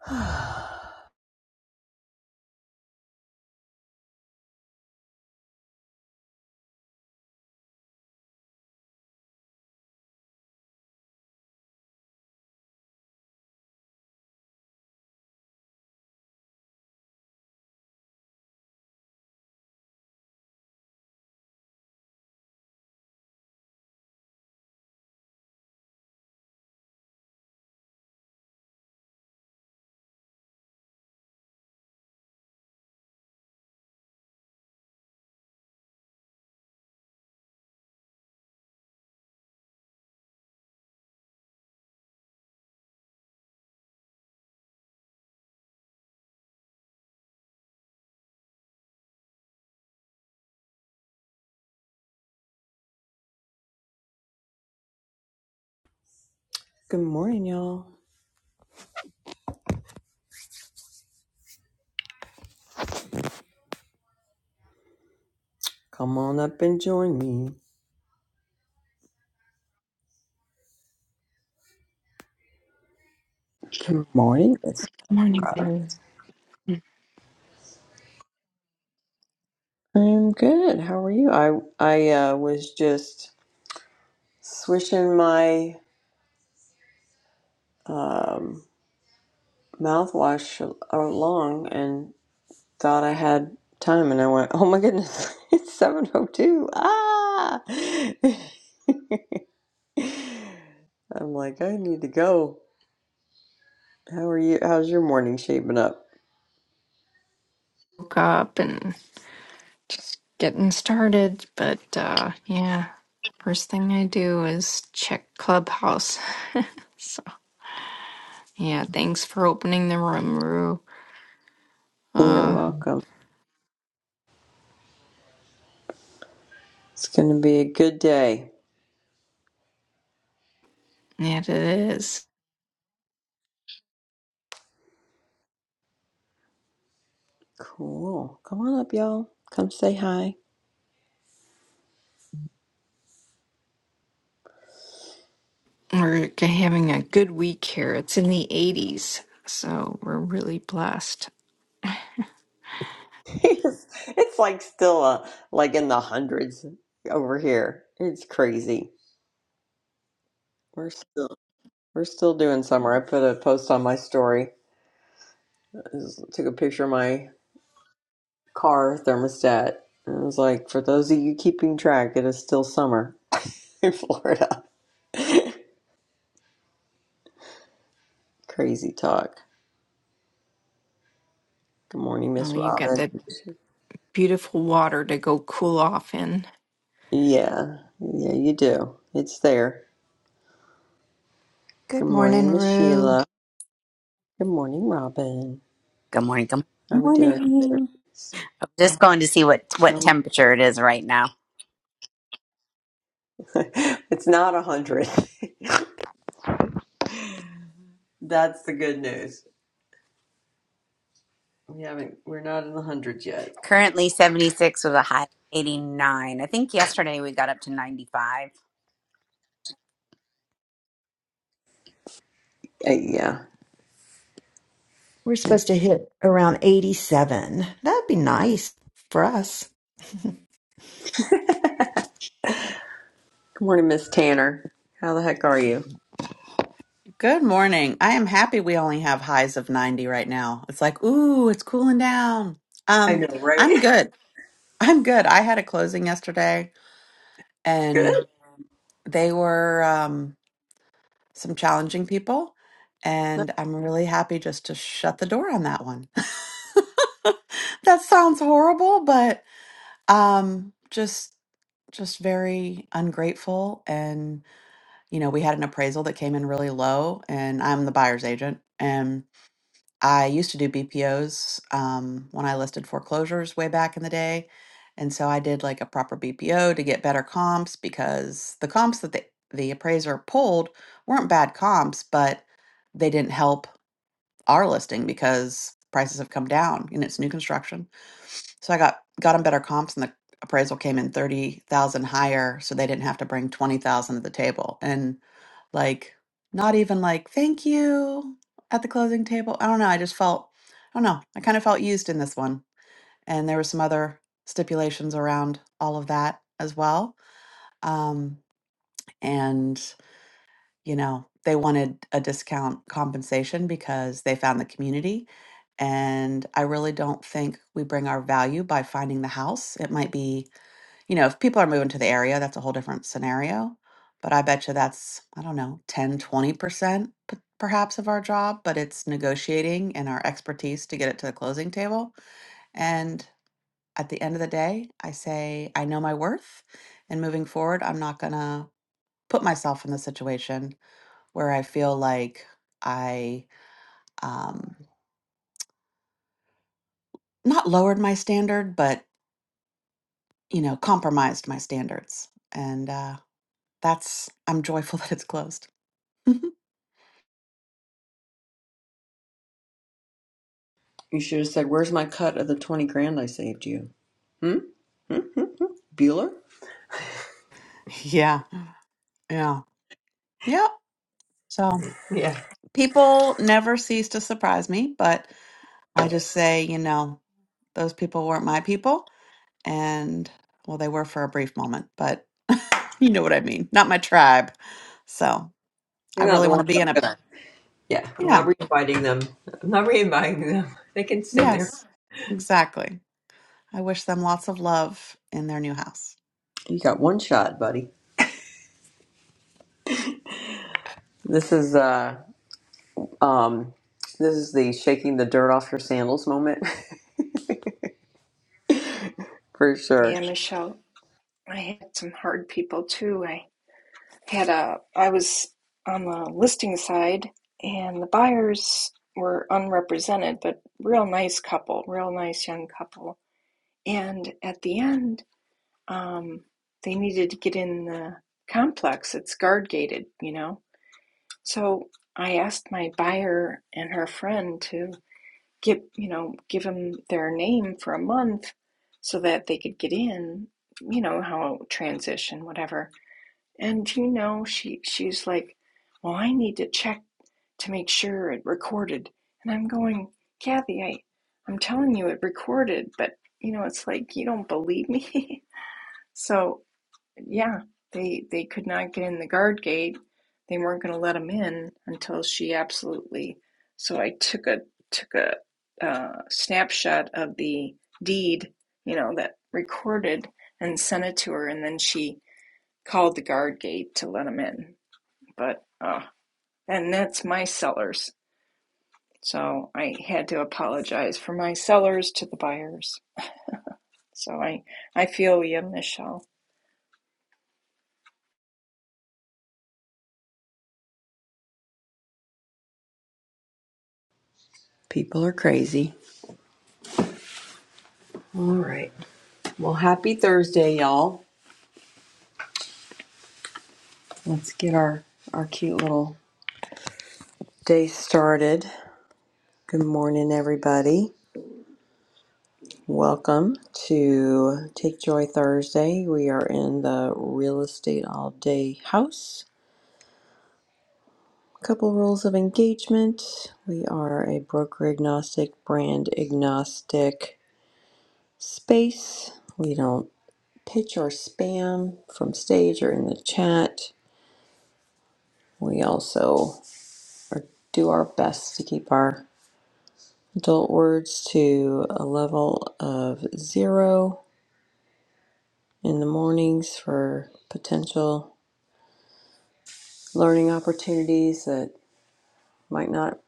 Good morning, y'all. Come on up and join me. Good morning, Jessica. Morning, I I'm good. How are you? I I uh, was just swishing my um, mouthwash a- along and thought I had time, and I went, "Oh my goodness, it's seven oh two! Ah!" I'm like, I need to go. How are you? How's your morning shaping up? woke up and just getting started, but uh yeah, first thing I do is check Clubhouse. So yeah, thanks for opening the room, Rue. You're Uh, welcome. It's gonna be a good day. yeah, it is. Cool. Come on up, y'all. Come say hi. We're g- having a good week here. It's in the 80s, so we're really blessed. it's, it's like still uh, like in the hundreds over here. It's crazy. We're still we're still doing summer. I put a post on my story. I just took a picture of my car thermostat. And it was like, for those of you keeping track, it is still summer in Florida. Crazy talk. Good morning, Oh, Miss you got Robin. that beautiful water to go cool off in. Yeah, yeah, you do. It's there. Good Good morning, morning, Miss Rue. Sheila. Good morning, Robin. Good morning. Good I would do it. Morning. I'm Just going to see what what So temperature it is right now. it's not a hundred. That's the good news. We haven't. We're not in the hundreds yet. Currently 76 with a high of 89. I think yesterday we got up to 95. Uh, yeah. We're supposed to hit around 87. That'd be nice for us. Good morning, Miss Tanner. How the heck are you? Good morning. I am happy we only have highs of 90 right now. It's like, ooh, it's cooling down. I Um, know, right? I'm good. I'm good. I had a closing yesterday Good. and they were um some challenging people and I'm really happy just to shut the door on that one. that sounds horrible, but um just just very ungrateful and you know we had an appraisal that came in really low and i'm the buyer's agent and. I used to do BPOs um, when I listed foreclosures way back in the day. And so I did like a proper BPO to get better comps because the comps that the, the appraiser pulled weren't bad comps, but they didn't help our listing because prices have come down and it's new construction. So I got got them better comps and the appraisal came in 30,000 higher so they didn't have to bring 20,000 to the table. and. Like, not even like, thank you at the closing table. I don't know. I just felt, I don't know. I kind of felt used in this one. And there were some other stipulations around all of that as well. Um, and, you know, they wanted a discount compensation because they found the community. And I really don't think we bring our value by finding the house. It might be you know, if people are moving to the area, that's a whole different scenario. But I bet you that's, I don't know, ten, twenty percent p- perhaps of our job, but it's negotiating and our expertise to get it to the closing table. And at the end of the day, I say, I know my worth. And moving forward, I'm not going to put myself in the situation where I feel like I, um, not lowered my standard, but, you know, compromised my standards. And uh, that's, I'm joyful that it's closed. You should have said, "Where's my cut of the twenty grand I saved you?" Hmm. Hmm? Hmm? Hmm? Bueller. Yeah, yeah, yeah. So Yeah. people never cease to surprise me, but I just say, you know, those people weren't my people. And well, they were for a brief moment, but you know what I mean. Not my tribe. So I You're not really the want to ones be I'm in a, gonna. Yeah. I'm not yeah, reinviting them. I'm not reinviting them. They can stay there. yes, exactly. I wish them lots of love in their new house. You got one shot, buddy. This is uh Um, this is the shaking the dirt off your sandals moment for sure. Yeah, Michelle, I had some hard people too. had a I was on the listing side and the buyers were unrepresented, but real nice couple, real nice young couple. And at the end, um, they needed to get in the complex. It's guard gated, you know. So I asked my buyer and her friend to give you know give them their name for a month so that they could get in. You know how transition, whatever. And you know, she she's like, "Well, I need to check to make sure it recorded." And I'm going, "Kathy, I I'm telling you it recorded, but you know, it's like you don't believe me." So, yeah, they they could not get in the guard gate. They weren't going to let them in until she absolutely. So I took a took a uh, snapshot of the deed, you know, that recorded and sent it to her, and then she called the guard gate to let him in. But uh, and that's my sellers. So I had to apologize for my sellers to the buyers. So I I feel you, Michelle. People are crazy. All right. Well, happy Thursday, y'all. Let's get our our cute little day started. Good morning, everybody. Welcome to Take Joy Thursday. We are in the real estate all day house. Couple rules of engagement. We are a broker agnostic, brand agnostic space. We don't pitch or spam from stage or in the chat. We also are, do our best to keep our adult words to a level of zero in the mornings for potential learning opportunities that might not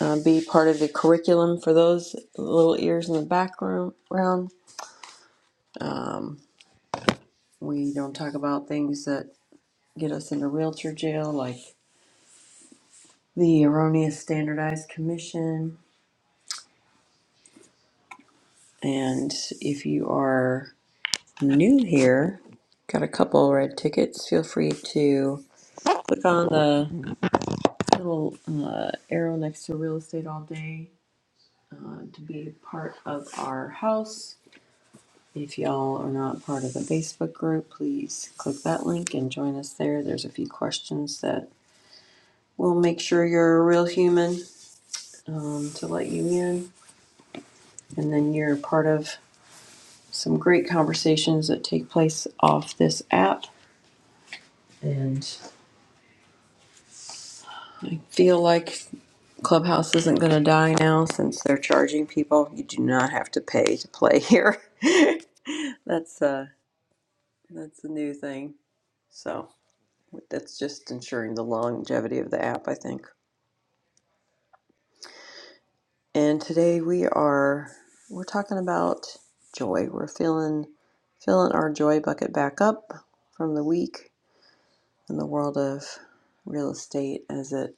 uh, be part of the curriculum for those little ears in the background. We don't talk about things that get us into realtor jail, like the erroneous standardized commission And if you are new here, got a couple red tickets, feel free to click on the little uh, arrow next to real estate all day uh, to be part of our house. If y'all are not part of the Facebook group, please click that link and join us there. There's a few questions that will make sure you're a real human um, to let you in. And then you're part of some great conversations that take place off this app. And feel like Clubhouse isn't going to die now since they're charging people. You do not have to pay to play here. that's uh that's a new thing. So that's just ensuring the longevity of the app, I think. And today we are we're talking about joy. We're feeling filling our joy bucket back up from the week in the world of real estate as it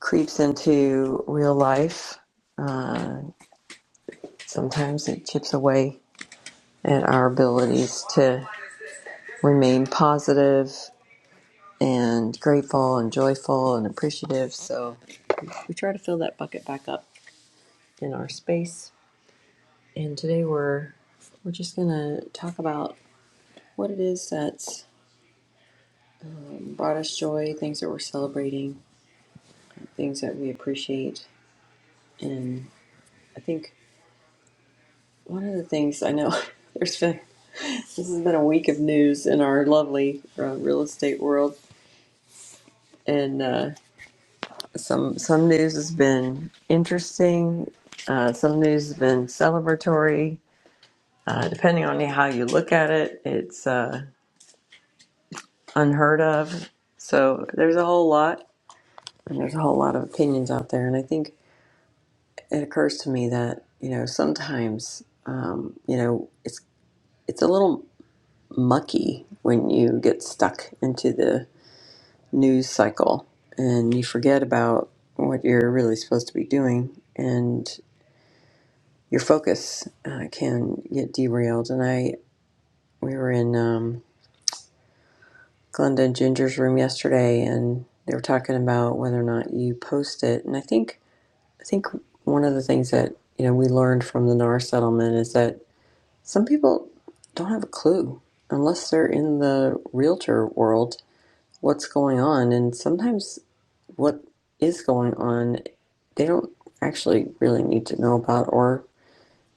creeps into real life. Uh, sometimes it chips away At our abilities to remain positive and grateful and joyful and appreciative. So we try to fill that bucket back up in our space. And today we're we're just gonna talk about what it is that's brought us joy, things that we're celebrating, things that we appreciate. And I think one of the things I know there's been this has been a week of news in our lovely uh, real estate world, and uh, some some news has been interesting. Uh, some news has been celebratory. Uh, depending on how you look at it, it's uh, unheard of. So there's a whole lot, and there's a whole lot of opinions out there. And I think it occurs to me that you know sometimes um, you know it's it's a little mucky when you get stuck into the news cycle and you forget about what you're really supposed to be doing. And your focus uh, can get derailed. And I, we were in um, Glenda and Ginger's room yesterday, and they were talking about whether or not you post it. And I think, I think one of the things that you know we learned from the NAR settlement is that some people don't have a clue unless they're in the realtor world what's going on, and sometimes what is going on they don't actually really need to know about or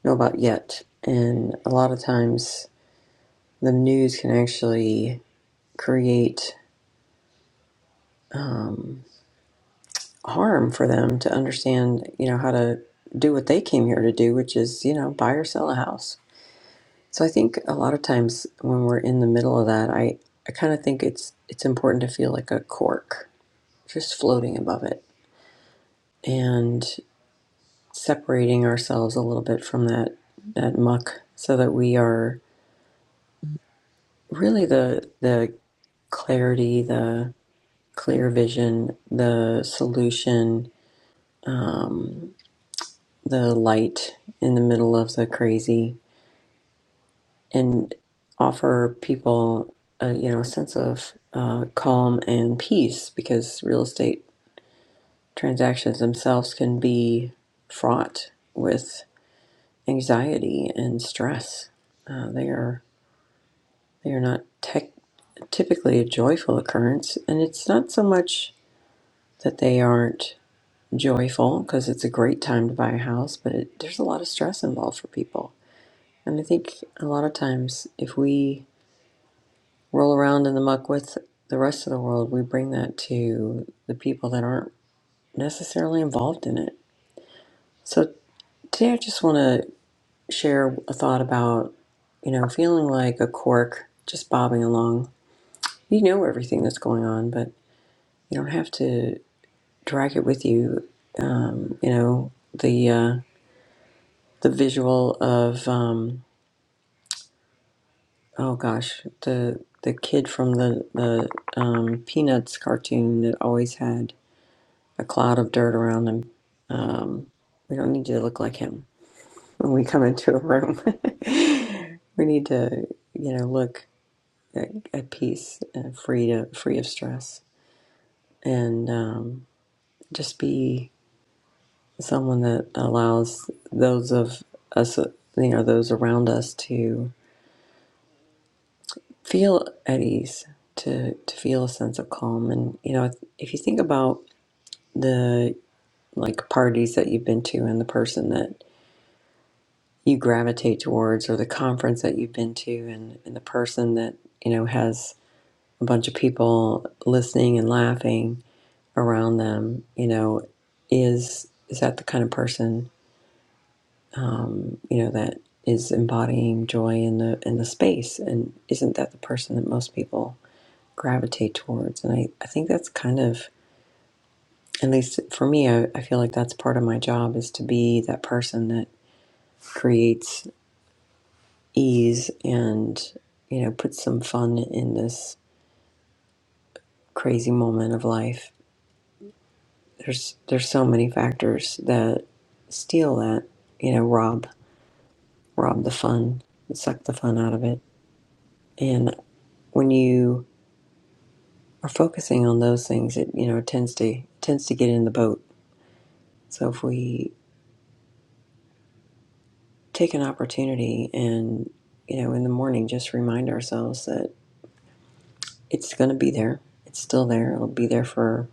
know about yet. And a lot of times the news can actually create um, harm for them to understand, you know, how to do what they came here to do, which is, you know, buy or sell a house. So I think a lot of times when we're in the middle of that, I, I kind of think it's it's important to feel like a cork, just floating above it, and separating ourselves a little bit from that that muck, so that we are really the the clarity, the clear vision, the solution, um, the light in the middle of the crazy and offer people a you know a sense of uh, calm and peace because real estate transactions themselves can be fraught with anxiety and stress. Uh, they are they are not tech, typically a joyful occurrence, and it's not so much that they aren't joyful because it's a great time to buy a house, but it, there's a lot of stress involved for people And I think a lot of times, if we roll around in the muck with the rest of the world, we bring that to the people that aren't necessarily involved in it. So today, I just want to share a thought about, you know, feeling like a cork just bobbing along. You know everything that's going on, but you don't have to drag it with you. Um, you know, the uh, the visual of. Um, oh gosh, the the kid from the the um, Peanuts cartoon that always had a cloud of dirt around him. Um, we don't need to look like him when we come into a room. we need to, you know, look at, at peace, uh, free to free of stress, and um, just be someone that allows those of us, you know, those around us to. feel at ease to to feel a sense of calm and you know if you think about the like parties that you've been to and the person that you gravitate towards or the conference that you've been to and, and the person that you know has a bunch of people listening and laughing around them you know is is that the kind of person um, you know that is embodying joy in the in the space and isn't that the person that most people gravitate towards. And I, I think that's kind of, at least for me, I, I feel like that's part of my job is to be that person that creates ease and, you know, puts some fun in this crazy moment of life. There's there's so many factors that steal that, you know, rob rob the fun, suck the fun out of it. And when you are focusing on those things, it you know it tends to tends to get in the boat. So if we take an opportunity and, you know, in the morning, just remind ourselves that it's going to be there. It's still there. It'll be there for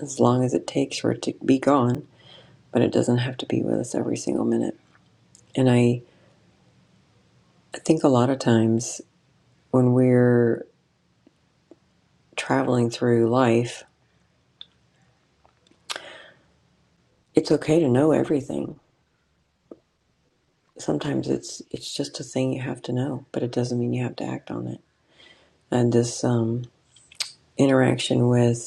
as long as it takes for it to be gone, but it doesn't have to be with us every single minute. And I, I think a lot of times when we're traveling through life, it's okay to know everything. Sometimes it's it's just a thing you have to know, but it doesn't mean you have to act on it. And this um, interaction with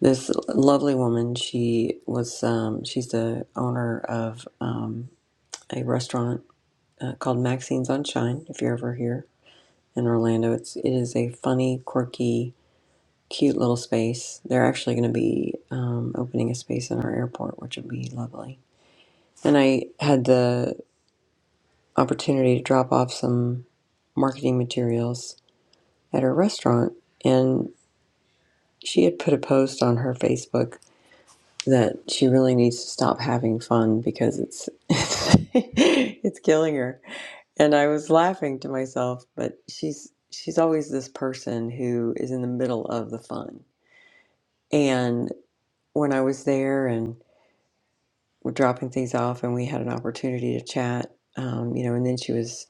This lovely woman, she was, um, she's the owner of um, a restaurant uh, called Maxine's on Shine. If you're ever here in Orlando, it's it is a funny, quirky, cute little space. They're actually going to be um, opening a space in our airport, which would be lovely. And I had the opportunity to drop off some marketing materials at her restaurant, and she had put a post on her Facebook that she really needs to stop having fun because it's it's killing her. And I was laughing to myself, but she's she's always this person who is in the middle of the fun. And when I was there and we're dropping things off, and we had an opportunity to chat, um, you know, and then she was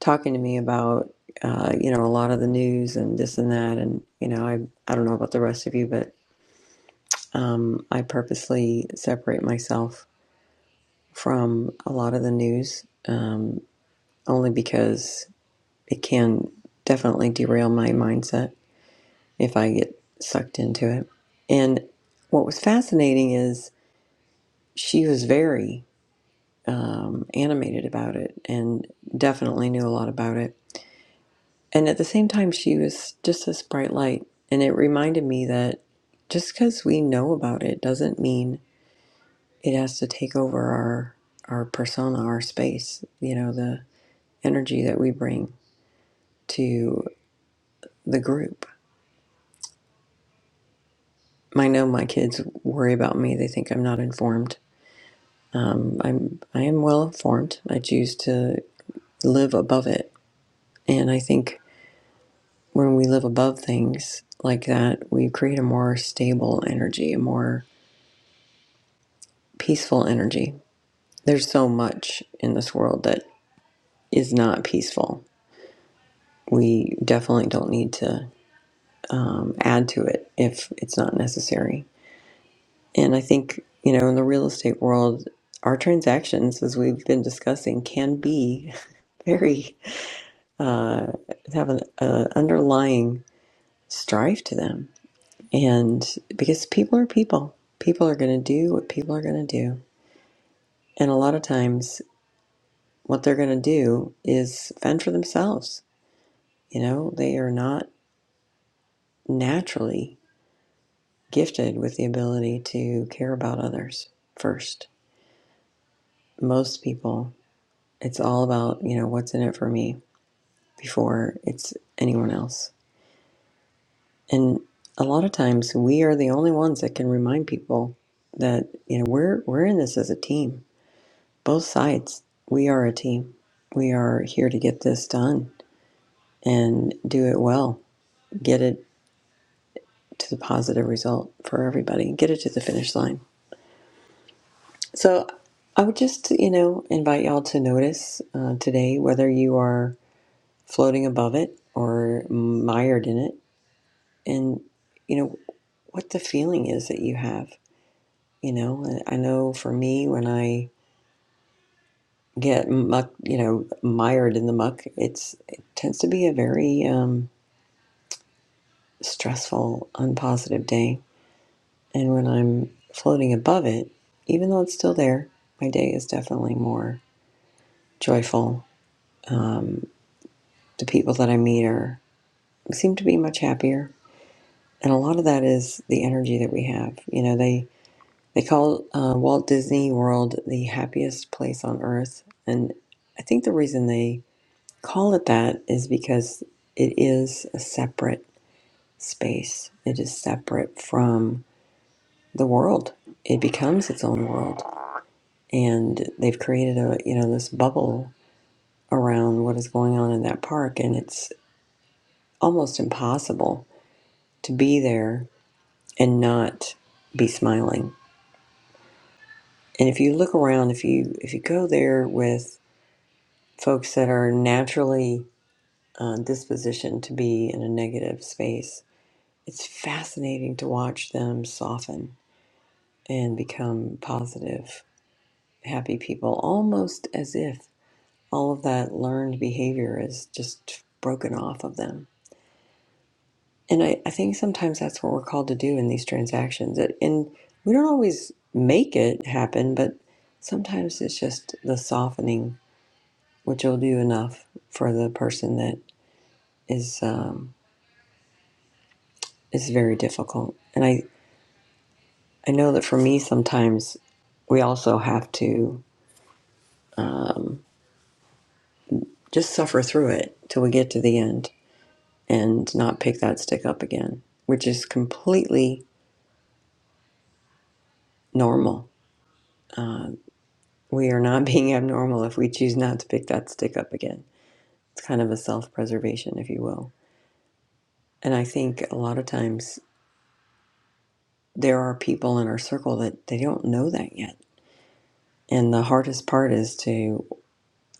talking to me about uh, you know a lot of the news and this and that, and you know I I don't know about the rest of you, but um, I purposely separate myself from a lot of the news, um, only because it can definitely derail my mindset if I get sucked into it. And what was fascinating is she was very um, animated about it and definitely knew a lot about it. And at the same time, she was just this bright light. And it reminded me that just because we know about it doesn't mean it has to take over our our persona, our space, you know, the energy that we bring to the group. I know my kids worry about me. They think I'm not informed. Um, I'm I am well informed. I choose to live above it, and I think when we live above things like that, we create a more stable energy, a more peaceful energy. There's so much in this world that is not peaceful. We definitely don't need to um, add to it if it's not necessary And I think, you know, in the real estate world, our transactions, as we've been discussing, can be very, uh, have an uh, underlying strife to them. And because people are people, people are going to do what people are going to do. And a lot of times, what they're going to do is fend for themselves. You know, they are not naturally gifted with the ability to care about others first. Most people, it's all about, you know, what's in it for me before it's anyone else. And a lot of times we are the only ones that can remind people that, you know, we're we're in this as a team. Both sides. We are a team. We are here to get this done and do it well. Get it to the positive result for everybody. Get it to the finish line. So I would just, you know, invite y'all to notice uh, today whether you are floating above it or mired in it and you know what the feeling is that you have you know And i know for me when i get muck you know mired in the muck it's it tends to be a very um, stressful unpositive day and when i'm floating above it even though it's still there my day is definitely more joyful um, the people that i meet are seem to be much happier and a lot of that is the energy that we have you know they They call uh, Walt Disney World the happiest place on earth. And I think the reason they call it that is because it is a separate space, it is separate from the world. It becomes its own world. And they've created a, you know, this bubble around what is going on in that park. And it's almost impossible to be there and not be smiling. And if you look around, if you if you go there with folks that are naturally uh, dispositioned to be in a negative space, it's fascinating to watch them soften and become positive, happy people, almost as if all of that learned behavior is just broken off of them. And I, I think sometimes that's what we're called to do in these transactions. It- And we don't always make it happen, but sometimes it's just the softening, which will do enough for the person that is. Um, Is very difficult. And I, I know that for me, sometimes we also have to just suffer through it till we get to the end and not pick that stick up again, which is completely normal. Uh, we are not being abnormal if we choose not to pick that stick up again. It's kind of a self preservation, if you will. And I think a lot of times there are people in our circle that they don't know that yet. And the hardest part is to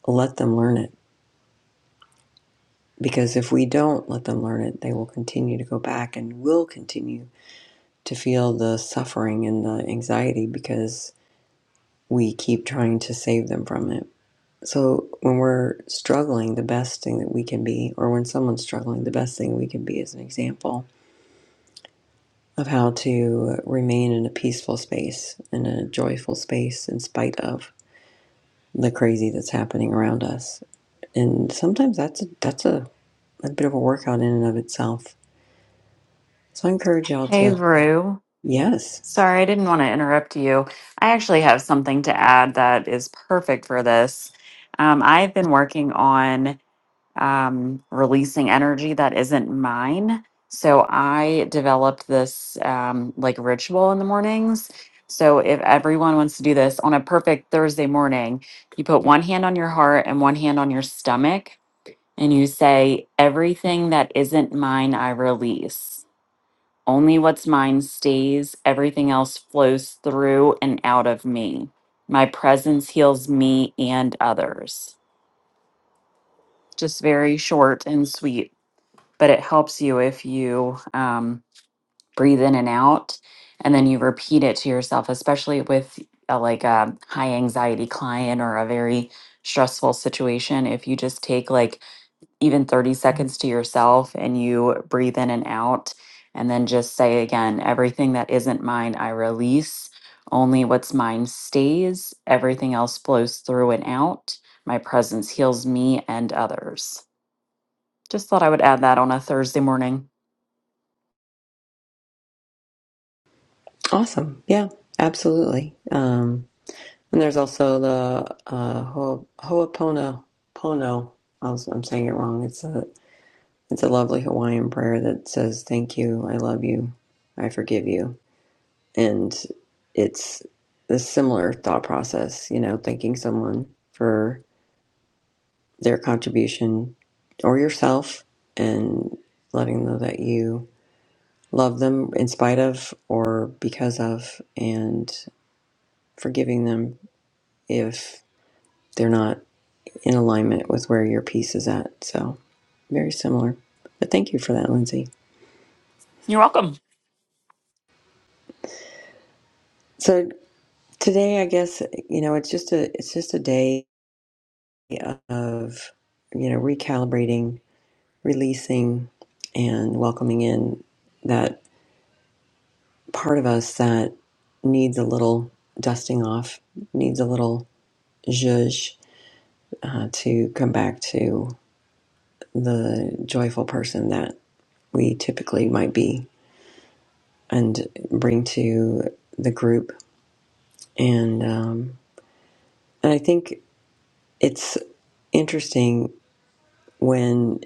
let them learn it Because if we don't let them learn it, they will continue to go back and will continue to feel the suffering and the anxiety because we keep trying to save them from it. So when we're struggling, the best thing that we can be, or when someone's struggling, the best thing we can be is an example of how to remain in a peaceful space, in a joyful space, in spite of the crazy that's happening around us. And sometimes that's a, that's a, a bit of a workout in and of itself. So I encourage y'all Hey, to Rue. Yes. Sorry, I didn't want to interrupt you. I actually have something to add that is perfect for this. Um, I've been working on um, releasing energy that isn't mine. So I developed this um, like ritual in the mornings. So if everyone wants to do this on a perfect Thursday morning, you put one hand on your heart and one hand on your stomach, and you say, Everything that isn't mine, I release. Only what's mine stays, everything else flows through and out of me. My presence heals me and others. Just very short and sweet, but it helps you if you um, breathe in and out and then you repeat it to yourself, especially with a, like a high anxiety client or a very stressful situation. If you just take like even 30 seconds to yourself and you breathe in and out. And then just say again, everything that isn't mine, I release. Only what's mine stays. Everything else flows through and out. My presence heals me and others. Just thought I would add that on a Thursday morning. Awesome. Yeah, absolutely. Um, and there's also the uh, Ho- Ho'opono- I was, I'm saying it wrong. It's a it's a lovely Hawaiian prayer that says, "Thank you, I love you, I forgive you," and it's a similar thought process. You know, thanking someone for their contribution or yourself, and letting them know that you love them in spite of or because of, and forgiving them if they're not in alignment with where your piece is at. So, very similar. But thank you for that, Lindsay. You're welcome. So, today I guess, you know, it's just a it's just a day of, you know, recalibrating, releasing and welcoming in that part of us that needs a little dusting off, needs a little zhuzh uh, to come back to the joyful person that we typically might be and bring to the group. And um, and I think it's interesting when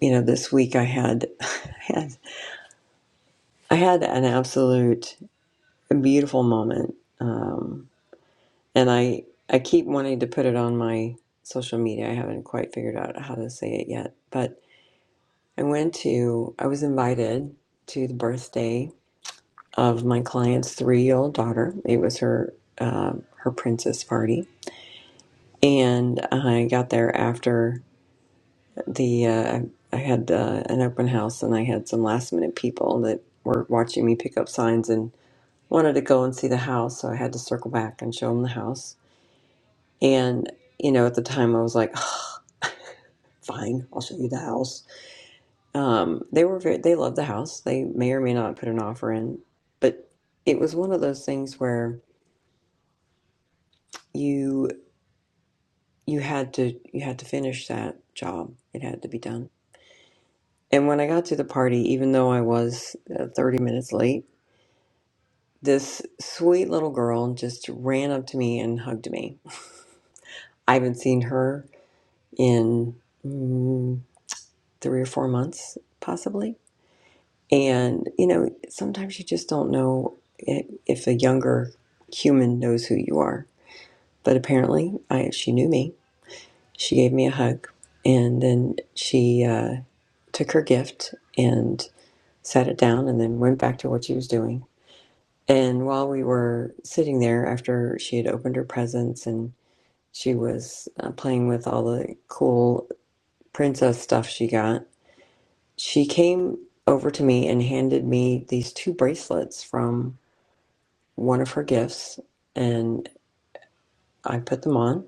you know this week I had I had, I had an absolute beautiful moment, um, and I I keep wanting to put it on my social media. I haven't quite figured out how to say it yet, but I went to I was invited to the birthday of my client's three year old daughter. It was her uh, her princess party and I got there after the uh, I had uh, an open house, and I had some last minute people that were watching me pick up signs and wanted to go and see the house, so I had to circle back and show them the house. And you know, at the time, I was like, "Ugh, "Fine, I'll show you the house." Um, they were very, they loved the house. They may or may not put an offer in, but it was one of those things where you you had to you had to finish that job. It had to be done And when I got to the party, even though I was uh, 30 minutes late, this sweet little girl just ran up to me and hugged me. I haven't seen her in mm, three or four months, possibly. And, you know, sometimes you just don't know i- if a younger human knows who you are. But apparently, I, she knew me. She gave me a hug. And then she uh, took her gift and sat it down and then went back to what she was doing And while we were sitting there after she had opened her presents and she was uh, playing with all the cool princess stuff she got, she came over to me and handed me these two bracelets from one of her gifts. And I put them on.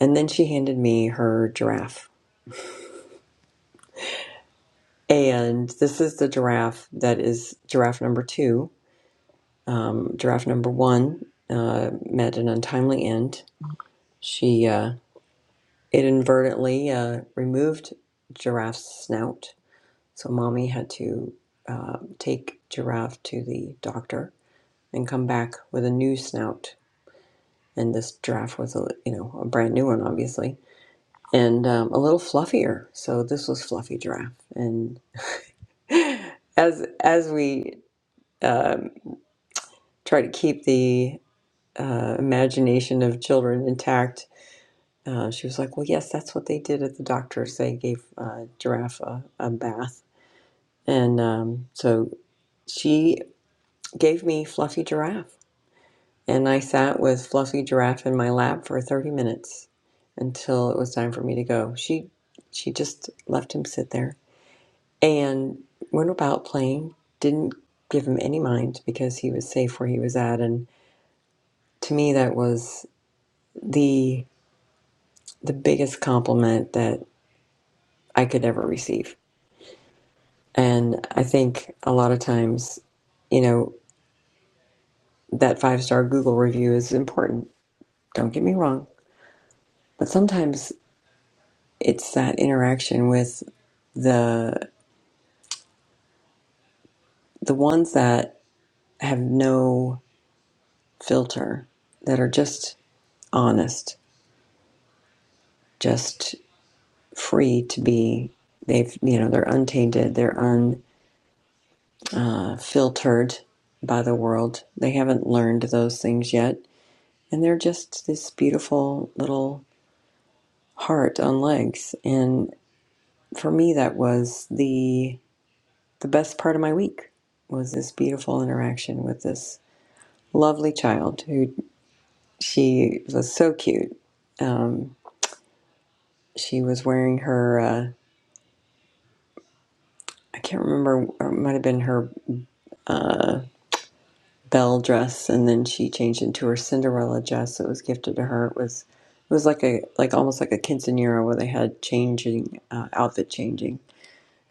And then she handed me her giraffe. And this is the giraffe that is giraffe number two. Um, giraffe number one uh, met an untimely end. She. Uh, It inadvertently uh, removed Giraffe's snout, so mommy had to uh, take Giraffe to the doctor and come back with a new snout. And this giraffe was a you know a brand new one, obviously, and um, a little fluffier. So this was fluffy giraffe. And as as we um, try to keep the uh, imagination of children intact, uh, she was like, "Well, yes, that's what they did at the doctor's. They gave uh, giraffe a, a bath." And um, so she gave me Fluffy Giraffe. And I sat with Fluffy Giraffe in my lap for 30 minutes until it was time for me to go. She she just left him sit there and went about playing, didn't give him any mind because he was safe where he was at and to me that was the the biggest compliment that I could ever receive. And I think a lot of times, you know, that five-star Google review is important Don't get me wrong, but sometimes it's that interaction with the the ones that have no filter, that are just honest, just free to be. They've you know they're untainted, they're unfiltered by the world. They haven't learned those things yet, and they're just this beautiful little heart on legs. And for me, that was the the best part of my week was this beautiful interaction with this lovely child who she was so cute. Um, she was wearing her, uh, I can't remember, it might have been her uh, bell dress, and then she changed into her Cinderella dress that was gifted to her. It was it was like a like almost like a quinceanera where they had changing uh, outfit changing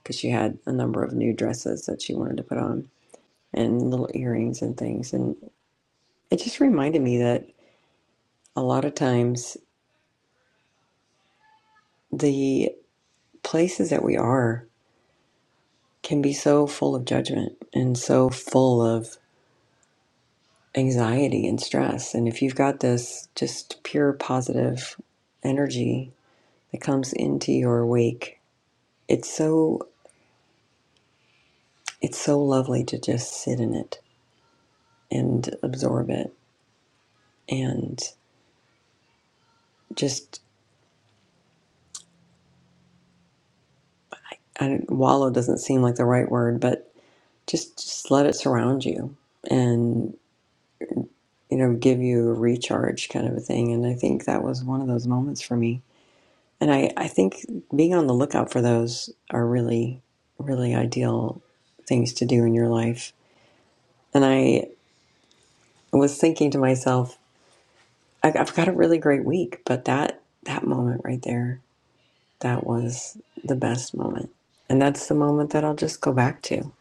because she had a number of new dresses that she wanted to put on and little earrings and things and it just reminded me that a lot of times the places that we are can be so full of judgment and so full of anxiety and stress. And if you've got this just pure positive energy that comes into your wake, it's so it's so lovely to just sit in it and absorb it and just I don't, wallow doesn't seem like the right word, but just just let it surround you and you know give you a recharge kind of a thing. And I think that was one of those moments for me And I, I think being on the lookout for those are really, really ideal things to do in your life. And I was thinking to myself, I- have got a really great week, but that that moment right there, that was the best moment. And that's the moment that I'll just go back to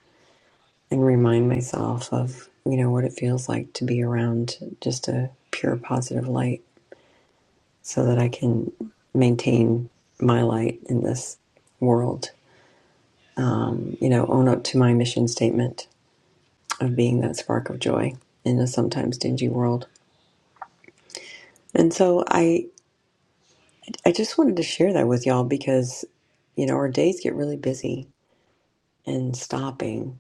and remind myself of, you know, what it feels like to be around just a pure positive light so that I can maintain my light in this world um, you know, own up to my mission statement of being that spark of joy in a sometimes dingy world. And so I I just wanted to share that with y'all because, you know, our days get really busy and stopping,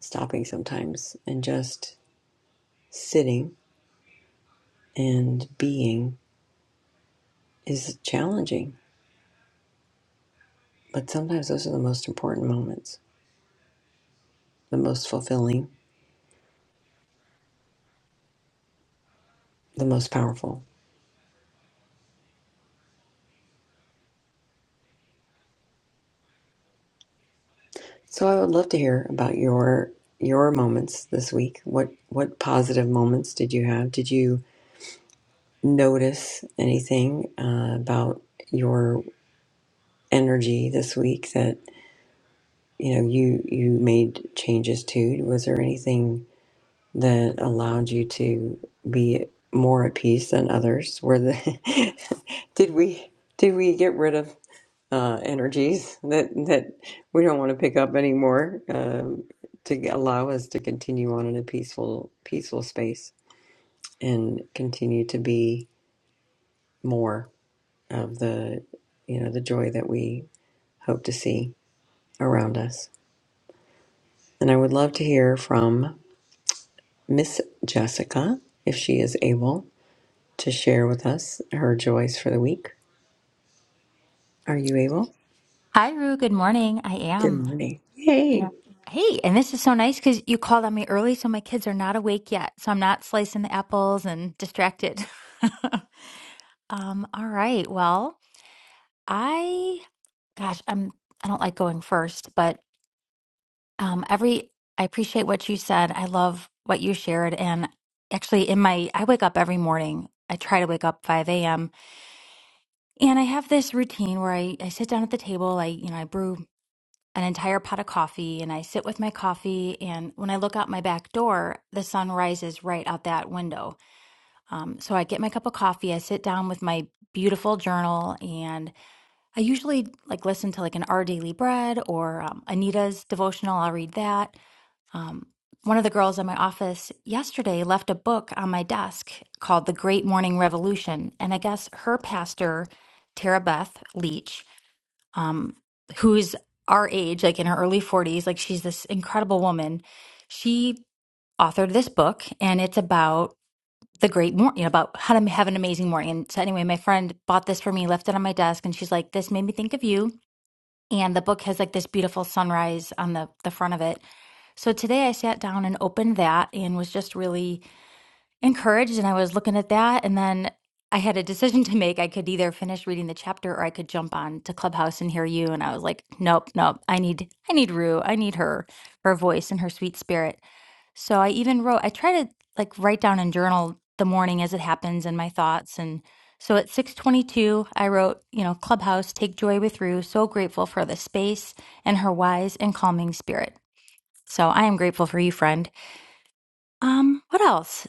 stopping sometimes and just sitting and being is challenging. But sometimes those are the most important moments, the most fulfilling, the most powerful. So I would love to hear about your your moments this week. What what positive moments did you have? Did you notice anything uh, about your energy this week that you know you you made changes to? Was there anything that allowed you to be more at peace than others? Were the did we did we get rid of uh, energies that that we don't want to pick up anymore um, to allow us to continue on in a peaceful peaceful space and continue to be more of the you know the joy that we hope to see around us. And I would love to hear from Miss Jessica if she is able to share with us her joys for the week. Are you able? Hi, Rue. Good morning. I Good am. morning. You Yay. know, hey, and this is so nice because you called on me early, so my kids are not awake yet. So I'm not slicing the apples and distracted. um, all right. Well, I, gosh, I'm, I don't like going first, but um, every, I appreciate what you said. I love what you shared. And actually, in my, I wake up every morning. I try to wake up 5 a.m. And I have this routine where I, I sit down at the table. I, you know, I brew an entire pot of coffee and I sit with my coffee. And when I look out my back door, the sun rises right out that window. Um, so I get my cup of coffee, I sit down with my beautiful journal, and I usually like listen to like an Our Daily Bread or um, Anita's devotional. I'll read that. Um, one of the girls in my office yesterday left a book on my desk called The Great Morning Revolution. And I guess her pastor, Tara Beth Leach, um, who's our age, like in her early 40s. Like she's this incredible woman. She authored this book, and it's about the great morning, about how to have an amazing morning. And so, anyway, my friend bought this for me, left it on my desk, and she's like, This made me think of you. And the book has like this beautiful sunrise on the, the front of it. So today I sat down and opened that and was just really encouraged and I was looking at that and then I had a decision to make. I could either finish reading the chapter or I could jump on to Clubhouse and hear you and I was like, nope, nope. I need I need Rue. I need her, her voice and her sweet spirit. So I even wrote I try to like write down and journal the morning as it happens and my thoughts and so at 6:22 I wrote, you know, Clubhouse, take joy with Rue. So grateful for the space and her wise and calming spirit. So I am grateful for you, friend. Um, what else?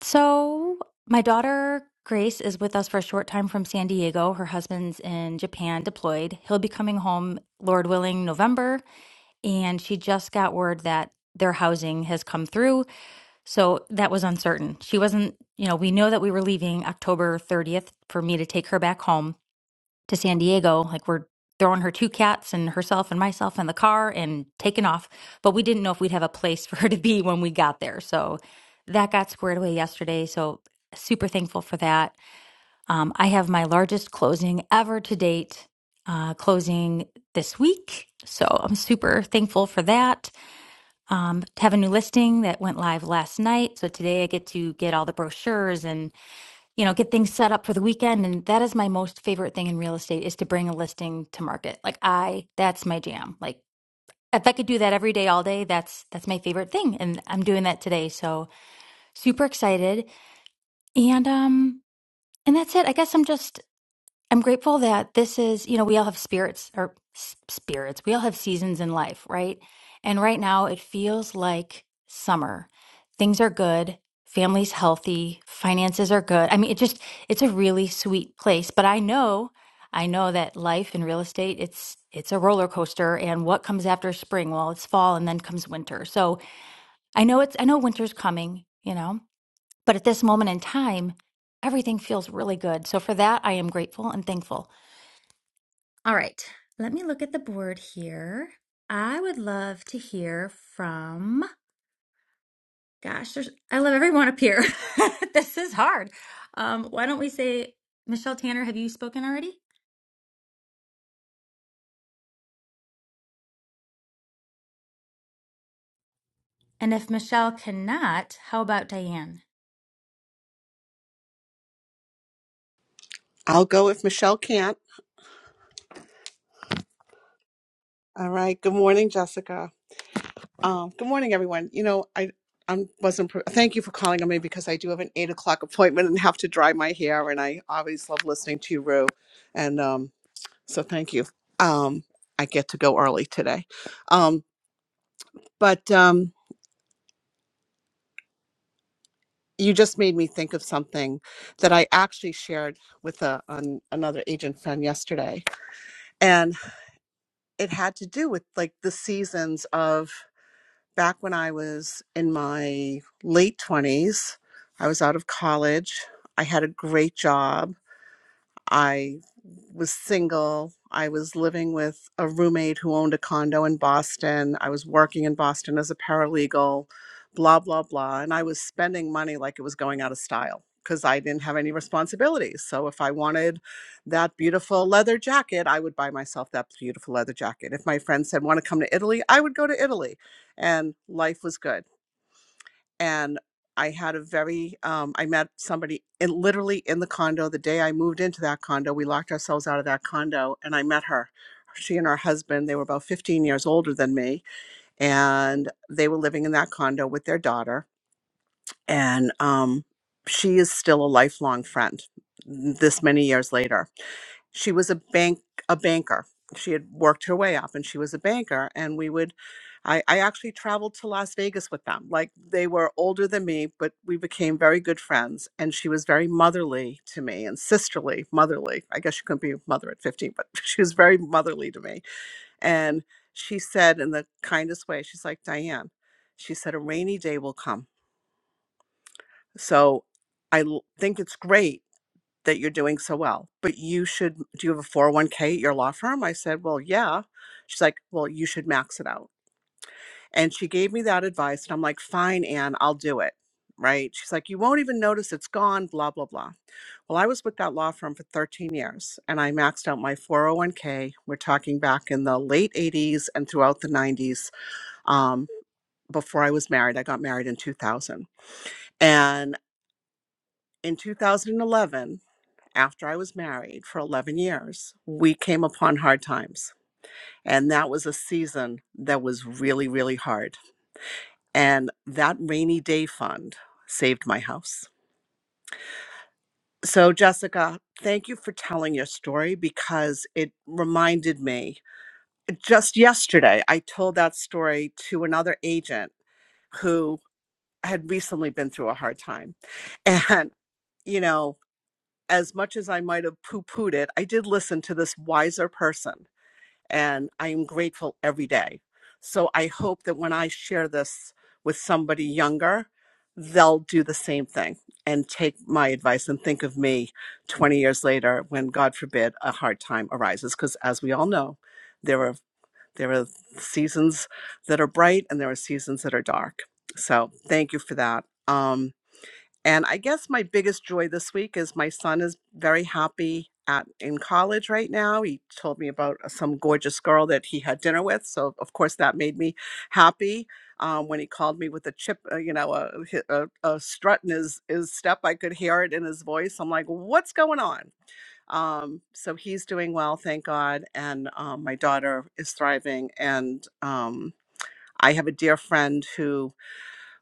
So, my daughter Grace is with us for a short time from San Diego. Her husband's in Japan deployed. He'll be coming home, Lord willing, November. And she just got word that their housing has come through. So that was uncertain. She wasn't, you know, we know that we were leaving October 30th for me to take her back home to San Diego. Like we're throwing her two cats and herself and myself in the car and taking off. But we didn't know if we'd have a place for her to be when we got there. So that got squared away yesterday. So super thankful for that. Um, I have my largest closing ever to date. Uh, closing this week. So I'm super thankful for that. Um, have a new listing that went live last night. So today I get to get all the brochures and you know, get things set up for the weekend. And that is my most favorite thing in real estate is to bring a listing to market. Like I, that's my jam. Like if I could do that every day, all day, that's that's my favorite thing. And I'm doing that today. So super excited. And um and that's it. I guess I'm just I'm grateful that this is, you know, we all have spirits or s- spirits. We all have seasons in life, right? And right now it feels like summer. Things are good, family's healthy, finances are good. I mean, it just it's a really sweet place, but I know I know that life in real estate, it's it's a roller coaster and what comes after spring? Well, it's fall and then comes winter. So, I know it's I know winter's coming, you know. But at this moment in time, everything feels really good. So for that, I am grateful and thankful. All right, let me look at the board here. I would love to hear from, gosh, there's, I love everyone up here. This is hard. Um, why don't we say, Michelle Tanner, have you spoken already? And if Michelle cannot, how about Diane? I'll go if Michelle can't. All right. Good morning, Jessica. Um, good morning, everyone. You know, I I wasn't. Pre- thank you for calling on me because I do have an eight o'clock appointment and have to dry my hair, and I always love listening to you, Rue. And um, so thank you. Um, I get to go early today, um, but um, you just made me think of something that I actually shared with a, an, another agent friend yesterday, and it had to do with like the seasons of back when I was in my late 20s, I was out of college. I had a great job. I was single. I was living with a roommate who owned a condo in Boston. I was working in Boston as a paralegal, blah, blah, blah. And I was spending money like it was going out of style because I didn't have any responsibilities. So if I wanted that beautiful leather jacket, I would buy myself that beautiful leather jacket. If my friend said, want to come to Italy, I would go to Italy. And life was good and I had a very um, I met somebody in literally in the condo the day I moved into that condo. We locked ourselves out of that condo, and I met her. She and her husband, they were about 15 years older than me, and they were living in that condo with their daughter. And um, she is still a lifelong friend this many years later she was a bank a banker she had worked her way up and she was a banker and we would I, I actually traveled to las vegas with them like they were older than me but we became very good friends and she was very motherly to me and sisterly motherly i guess she couldn't be a mother at 15 but she was very motherly to me and she said in the kindest way she's like diane she said a rainy day will come so i l- think it's great that you're doing so well, but you should, do you have a 401k at your law firm? I said, well, yeah. She's like, well, you should max it out. And she gave me that advice. And I'm like, fine, Anne, I'll do it. Right. She's like, you won't even notice it's gone, blah, blah, blah. Well, I was with that law firm for 13 years and I maxed out my 401k. We're talking back in the late 80s and throughout the 90s um, before I was married. I got married in 2000. And in 2011, after I was married for 11 years, we came upon hard times. And that was a season that was really, really hard. And that rainy day fund saved my house. So, Jessica, thank you for telling your story because it reminded me. Just yesterday, I told that story to another agent who had recently been through a hard time. And, you know, as much as I might have poo pooed it, I did listen to this wiser person and I am grateful every day. So I hope that when I share this with somebody younger, they'll do the same thing and take my advice and think of me 20 years later when God forbid a hard time arises because as we all know, there are there are seasons that are bright and there are seasons that are dark. So thank you for that. Um, and I guess my biggest joy this week is my son is very happy at in college right now. He told me about uh, some gorgeous girl that he had dinner with, so of course that made me happy. Um, when he called me with a chip, uh, you know, a, hi- a, a strut in his, his step, I could hear it in his voice. I'm like, what's going on? Um, so he's doing well, thank God. And um, my daughter is thriving. And um, I have a dear friend who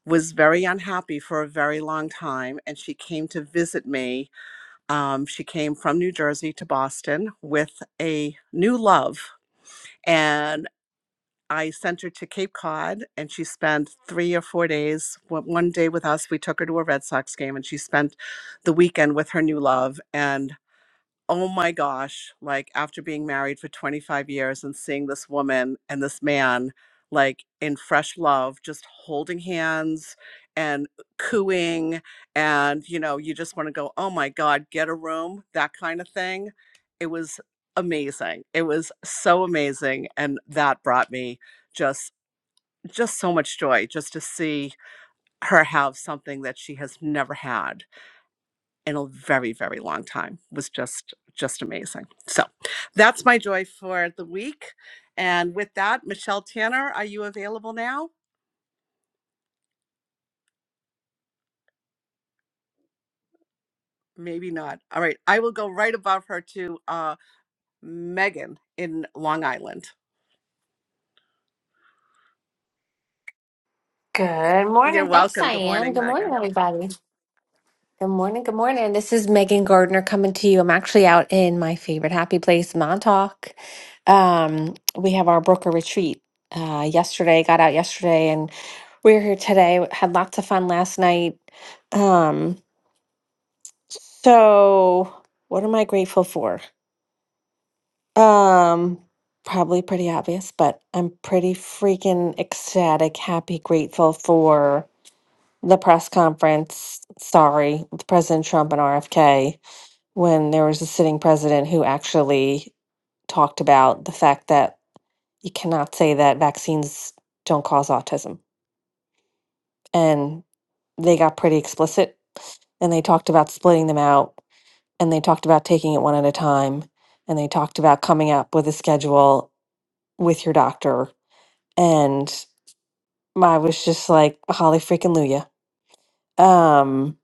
was very unhappy for a very long time, and she came to visit me. Um, she came from New Jersey to Boston with a new love, and I sent her to Cape Cod, and she spent three or four days. One one day with us, we took her to a Red Sox game, and she spent the weekend with her new love. And oh my gosh, like after being married for 25 years and seeing this woman and this man like in fresh love, just holding hands and cooing. And, you know, you just want to go, oh my God, get a room, that kind of thing. It was amazing. It was so amazing. And that brought me just just so much joy just to see her have something that she has never had in a very very long time It was just just amazing so that's my joy for the week and with that michelle tanner are you available now maybe not all right i will go right above her to uh, megan in long island Good you're morning. Thanks, welcome good Diane. morning Good megan morning, everybody. Good morning. Good morning. This is Megan Gardner coming to you. I'm actually out in my favorite happy place, Montauk. Um, we have our Brooker retreat uh, yesterday, got out yesterday, and we are here today. Had lots of fun last night. Um, so, what am I grateful for? Um, probably pretty obvious, but I'm pretty freaking ecstatic, happy, grateful for. the press conference, sorry, with President Trump and RFK, when there was a sitting president who actually talked about the fact that you cannot say that vaccines don't cause autism. And they got pretty explicit and they talked about splitting them out and they talked about taking it one at a time and they talked about coming up with a schedule with your doctor. And I was just like, holly freaking Luya. Um,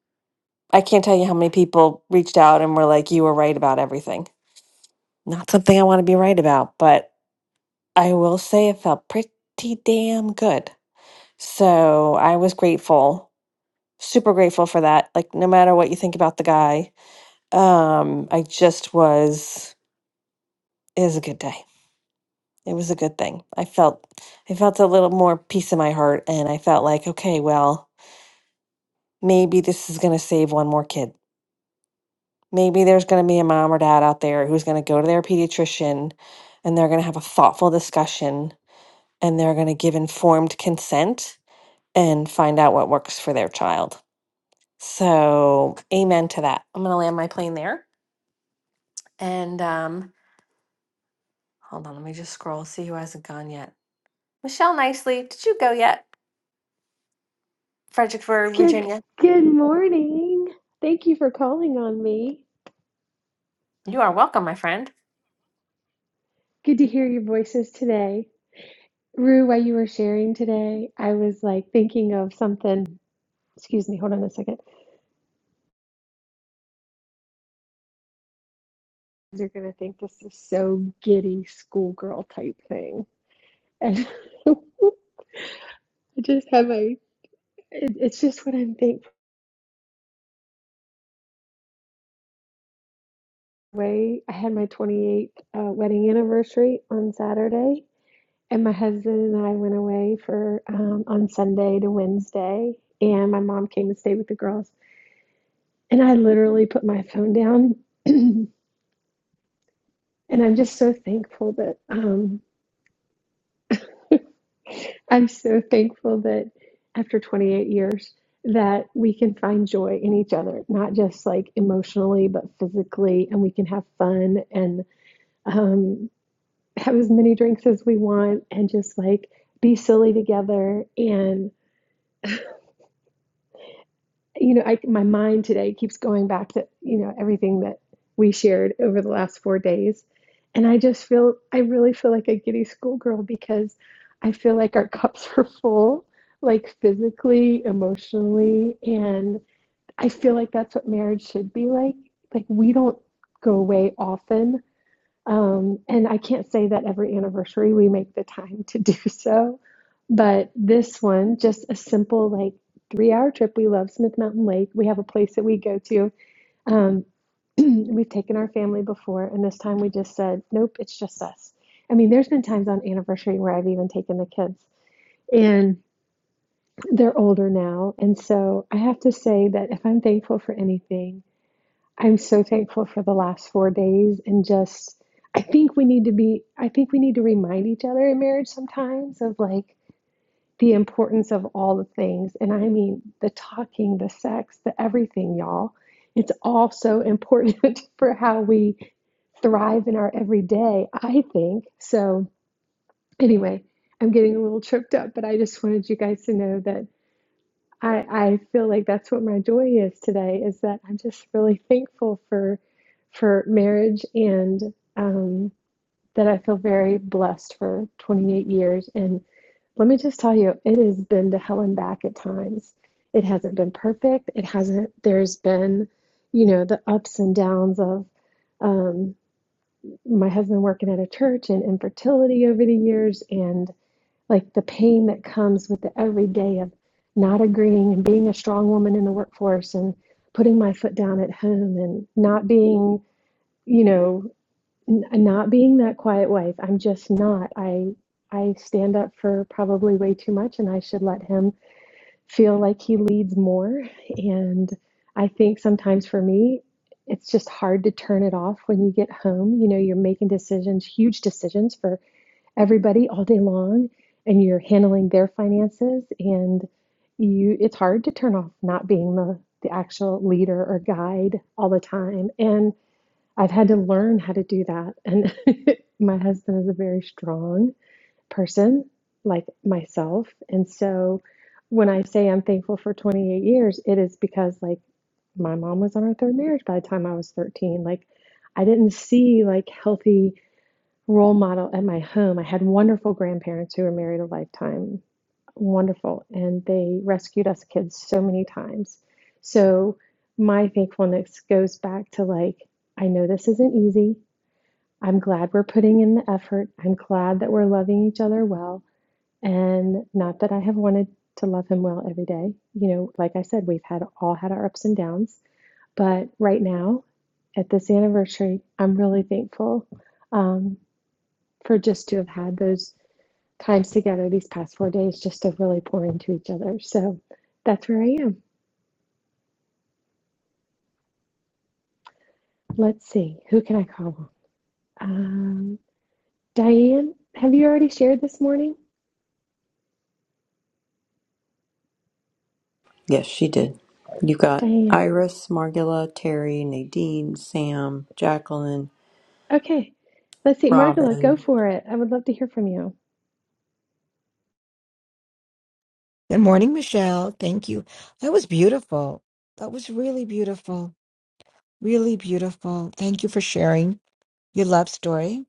I can't tell you how many people reached out and were like, you were right about everything. Not something I want to be right about, but I will say it felt pretty damn good. So I was grateful, super grateful for that. Like, no matter what you think about the guy, um, I just was, it was a good day. It was a good thing. I felt, I felt a little more peace in my heart and I felt like, okay, well, maybe this is going to save one more kid maybe there's going to be a mom or dad out there who's going to go to their pediatrician and they're going to have a thoughtful discussion and they're going to give informed consent and find out what works for their child. So, amen to that. I'm going to land my plane there. And um, hold on, let me just scroll, see who hasn't gone yet. Michelle Nicely, did you go yet? Fredericksburg, Good Virginia. good morning. Thank you for calling on me. You are welcome, my friend. Good to hear your voices today. Rue, while you were sharing today, I was like thinking of something. Excuse me, hold on a second. You're gonna think this is so giddy schoolgirl type thing. And I just had my it- it's just what I'm thankful. Way I had my 28th uh, wedding anniversary on Saturday, And my husband and I went away for um, on Sunday to Wednesday, and my mom came to stay with the girls. And I literally put my phone down, and I'm just so thankful that um, I'm so thankful that after 28 years that we can find joy in each other, not just like emotionally, but physically, and we can have fun and um, have as many drinks as we want, and just like be silly together and. you know, I, my mind today keeps going back to, you know, everything that we shared over the last four days. And I just feel, I really feel like a giddy schoolgirl because I feel like our cups are full, like physically, emotionally. And I feel like that's what marriage should be like. Like, we don't go away often um, and I can't say that every anniversary we make the time to do so, but this one, just a simple like three hour trip. We love Smith Mountain Lake. We have a place that we go to. Um, we've taken our family before, and this time we just said, nope, it's just us. I mean, there's been times on anniversary where I've even taken the kids, and they're older now. And so I have to say that if I'm thankful for anything, I'm so thankful for the last four days and just I think we need to be I think we need to remind each other in marriage sometimes of like the importance of all the things and I mean the talking, the sex, the everything, y'all. It's all so important for how we thrive in our everyday, I think. So anyway, I'm getting a little tripped up, but I just wanted you guys to know that I, I feel like that's what my joy is today is that I'm just really thankful for for marriage and um, that I feel very blessed for 28 years. And let me just tell you, it has been to hell and back at times. It hasn't been perfect. It hasn't, there's been, you know, the ups and downs of um, my husband working at a church and infertility over the years and like the pain that comes with the everyday of not agreeing and being a strong woman in the workforce and putting my foot down at home and not being you know n- not being that quiet wife i'm just not i i stand up for probably way too much and i should let him feel like he leads more and i think sometimes for me it's just hard to turn it off when you get home you know you're making decisions huge decisions for everybody all day long and you're handling their finances and you it's hard to turn off not being the the actual leader or guide all the time and I've had to learn how to do that and my husband is a very strong person like myself and so when I say I'm thankful for 28 years it is because like my mom was on her third marriage by the time I was 13 like I didn't see like healthy role model at my home. I had wonderful grandparents who were married a lifetime, wonderful, and they rescued us kids so many times. So my thankfulness goes back to like, I know this isn't easy. I'm glad we're putting in the effort. I'm glad that we're loving each other well. And not that I have wanted to love him well every day. You know, like I said, we've had all had our ups and downs. But right now, at this anniversary, I'm really thankful. Um, for just to have had those times together these past four days just to really pour into each other. So that's where I am. Let's see. Who can I call? Um, Diane, have you already shared this morning? Yes, she did. You got Diane. Iris, Margula, Terry, Nadine, Sam, Jacqueline, Okay. Let's see. Margola, go Robin. for it. I would love to hear from you. Good morning, Michelle. Thank you. That was beautiful. That was really beautiful. Really beautiful. Thank you for sharing your love story.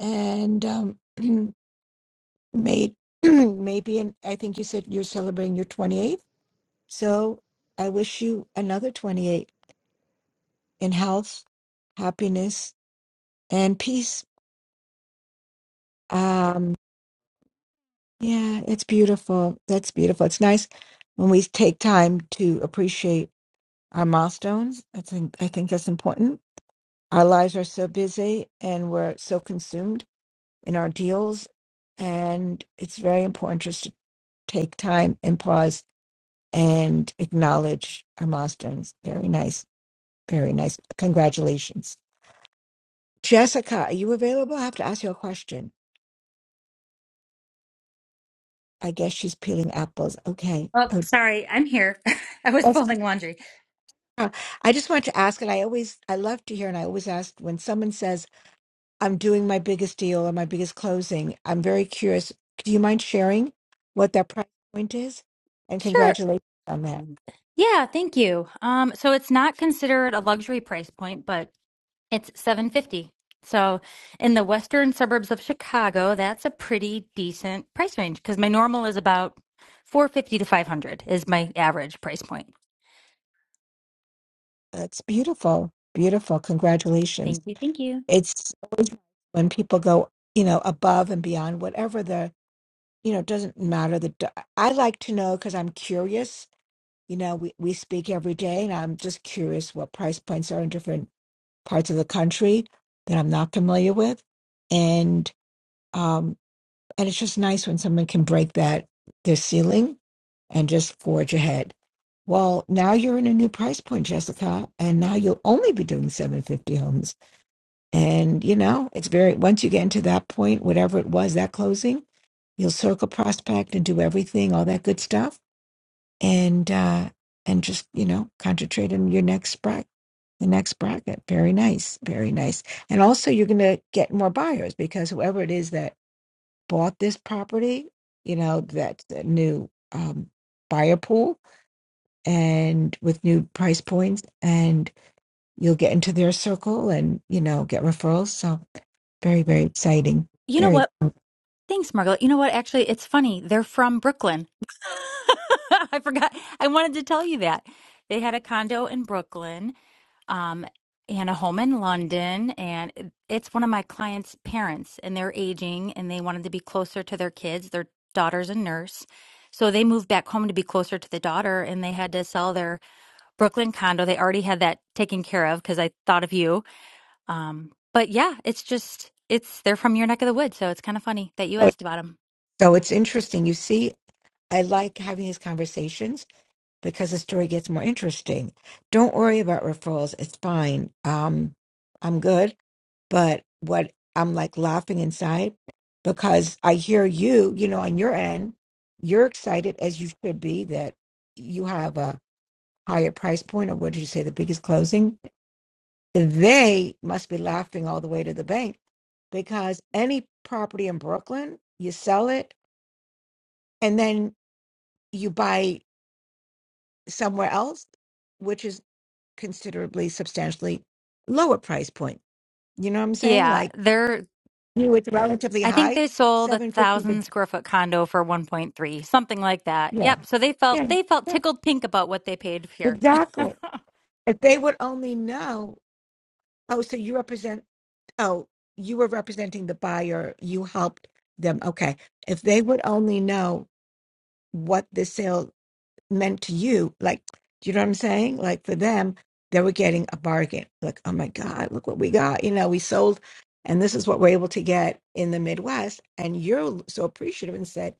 And um, may, maybe, and I think you said you're celebrating your 28th. So I wish you another 28 in health, happiness, and peace. Um, yeah, it's beautiful. That's beautiful. It's nice when we take time to appreciate our milestones. I think I think that's important our lives are so busy and we're so consumed in our deals and it's very important just to take time and pause and acknowledge our milestones very nice very nice congratulations jessica are you available i have to ask you a question i guess she's peeling apples okay Oh, oh, sorry, I'm here. I was Jessica, folding laundry. i just want to ask and i always i love to hear and i always ask when someone says I'm doing my biggest deal or my biggest closing. I'm very curious. Do you mind sharing what that price point is? And Sure. congratulations on that. Yeah, thank you. Um, so it's not considered a luxury price point, but It's 750. So in the western suburbs of Chicago, that's a pretty decent price range because my normal is about 450 to 500 is my average price point. That's beautiful. Beautiful. Congratulations. Thank you. Thank you. It's always when people go, you know, above and beyond whatever the, you know, it doesn't matter. The d- I like to know because I'm curious. You know, we, we speak every day and I'm just curious what price points are in different parts of the country that I'm not familiar with. And um, And it's just nice when someone can break that, their ceiling, and just forge ahead. Well, now you're in a new price point, Jessica, and now you'll only be doing 750 homes. And, you know, it's very, once you get into that point, whatever it was, that closing, you'll circle prospect and do everything, all that good stuff. And, uh, and just, you know, concentrate on your next bracket, the next bracket. Very nice. Very nice. And also you're going to get more buyers because whoever it is that bought this property, you know, that's a new um, buyer pool and with new price points, and you'll get into their circle and, you know, get referrals. So very, very exciting. You know Very. what? Thanks, Margaret. You know what? Actually, it's funny. They're from Brooklyn. I forgot. I wanted to tell you that. They had a condo in Brooklyn um, and a home in London, and it's one of my clients' parents, and they're aging, and they wanted to be closer to their kids. Their daughter's a nurse, so they moved back home to be closer to the daughter, and they had to sell their Brooklyn condo. They already had that taken care of because I thought of you. Um, but yeah, it's just it's they're from your neck of the woods, so it's kind of funny that you asked about them. So it's interesting. You see, I like having these conversations because the story gets more interesting. Don't worry about referrals. It's fine. Um, I'm good. But what I'm like laughing inside because I hear you, you know, on your end, you're excited as you should be that you have a higher price point or what did you say, the biggest closing? They must be laughing all the way to the bank because any property in Brooklyn, you sell it and then you buy somewhere else considerably, substantially lower price point. You know what I'm saying? Yeah, Like they're you, know, it's relatively I think high, they sold a seven fifty. To, thousand square foot condo for 1.3, something like that. Yeah, Yep. So they felt yeah, they felt yeah, tickled pink about what they paid here. exactly. If they would only know, oh, so you represent, oh, you were representing the buyer, you helped them. Okay, if they would only know what the sale meant to you. Like, do you know what I'm saying? Like for them, they were getting a bargain. Like, oh my God, look what we got. You know, we sold, and this is what we're able to get in the Midwest. And you're so appreciative and said,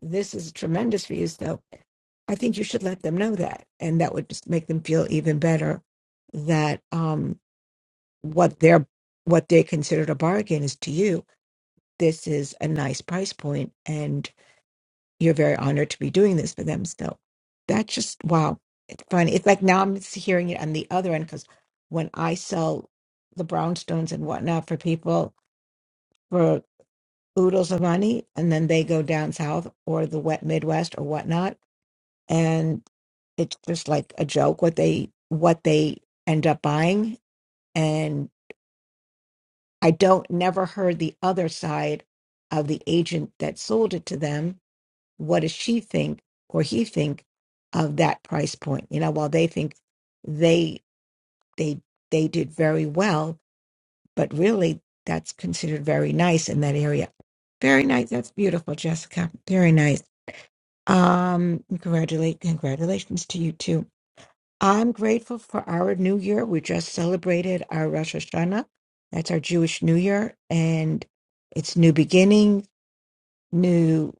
this is tremendous for you. So I think you should let them know that. And that would just make them feel even better that um, what they're what they considered a bargain is to you. This is a nice price point, and you're very honored to be doing this for them. So that's just wow. It's funny. It's like now I'm hearing it on the other end because when I sell the brownstones and whatnot for people for oodles of money, and then they go down south or the wet Midwest or whatnot, and it's just like a joke what they what they end up buying. And I don't never heard the other side of the agent that sold it to them what does she think or he think of that price point you know while they think they they they did very well but really that's considered very nice in that area very nice that's beautiful jessica very nice um congratulate congratulations to you too i'm grateful for our new year we just celebrated our rosh hashanah that's our jewish new year and it's new beginning new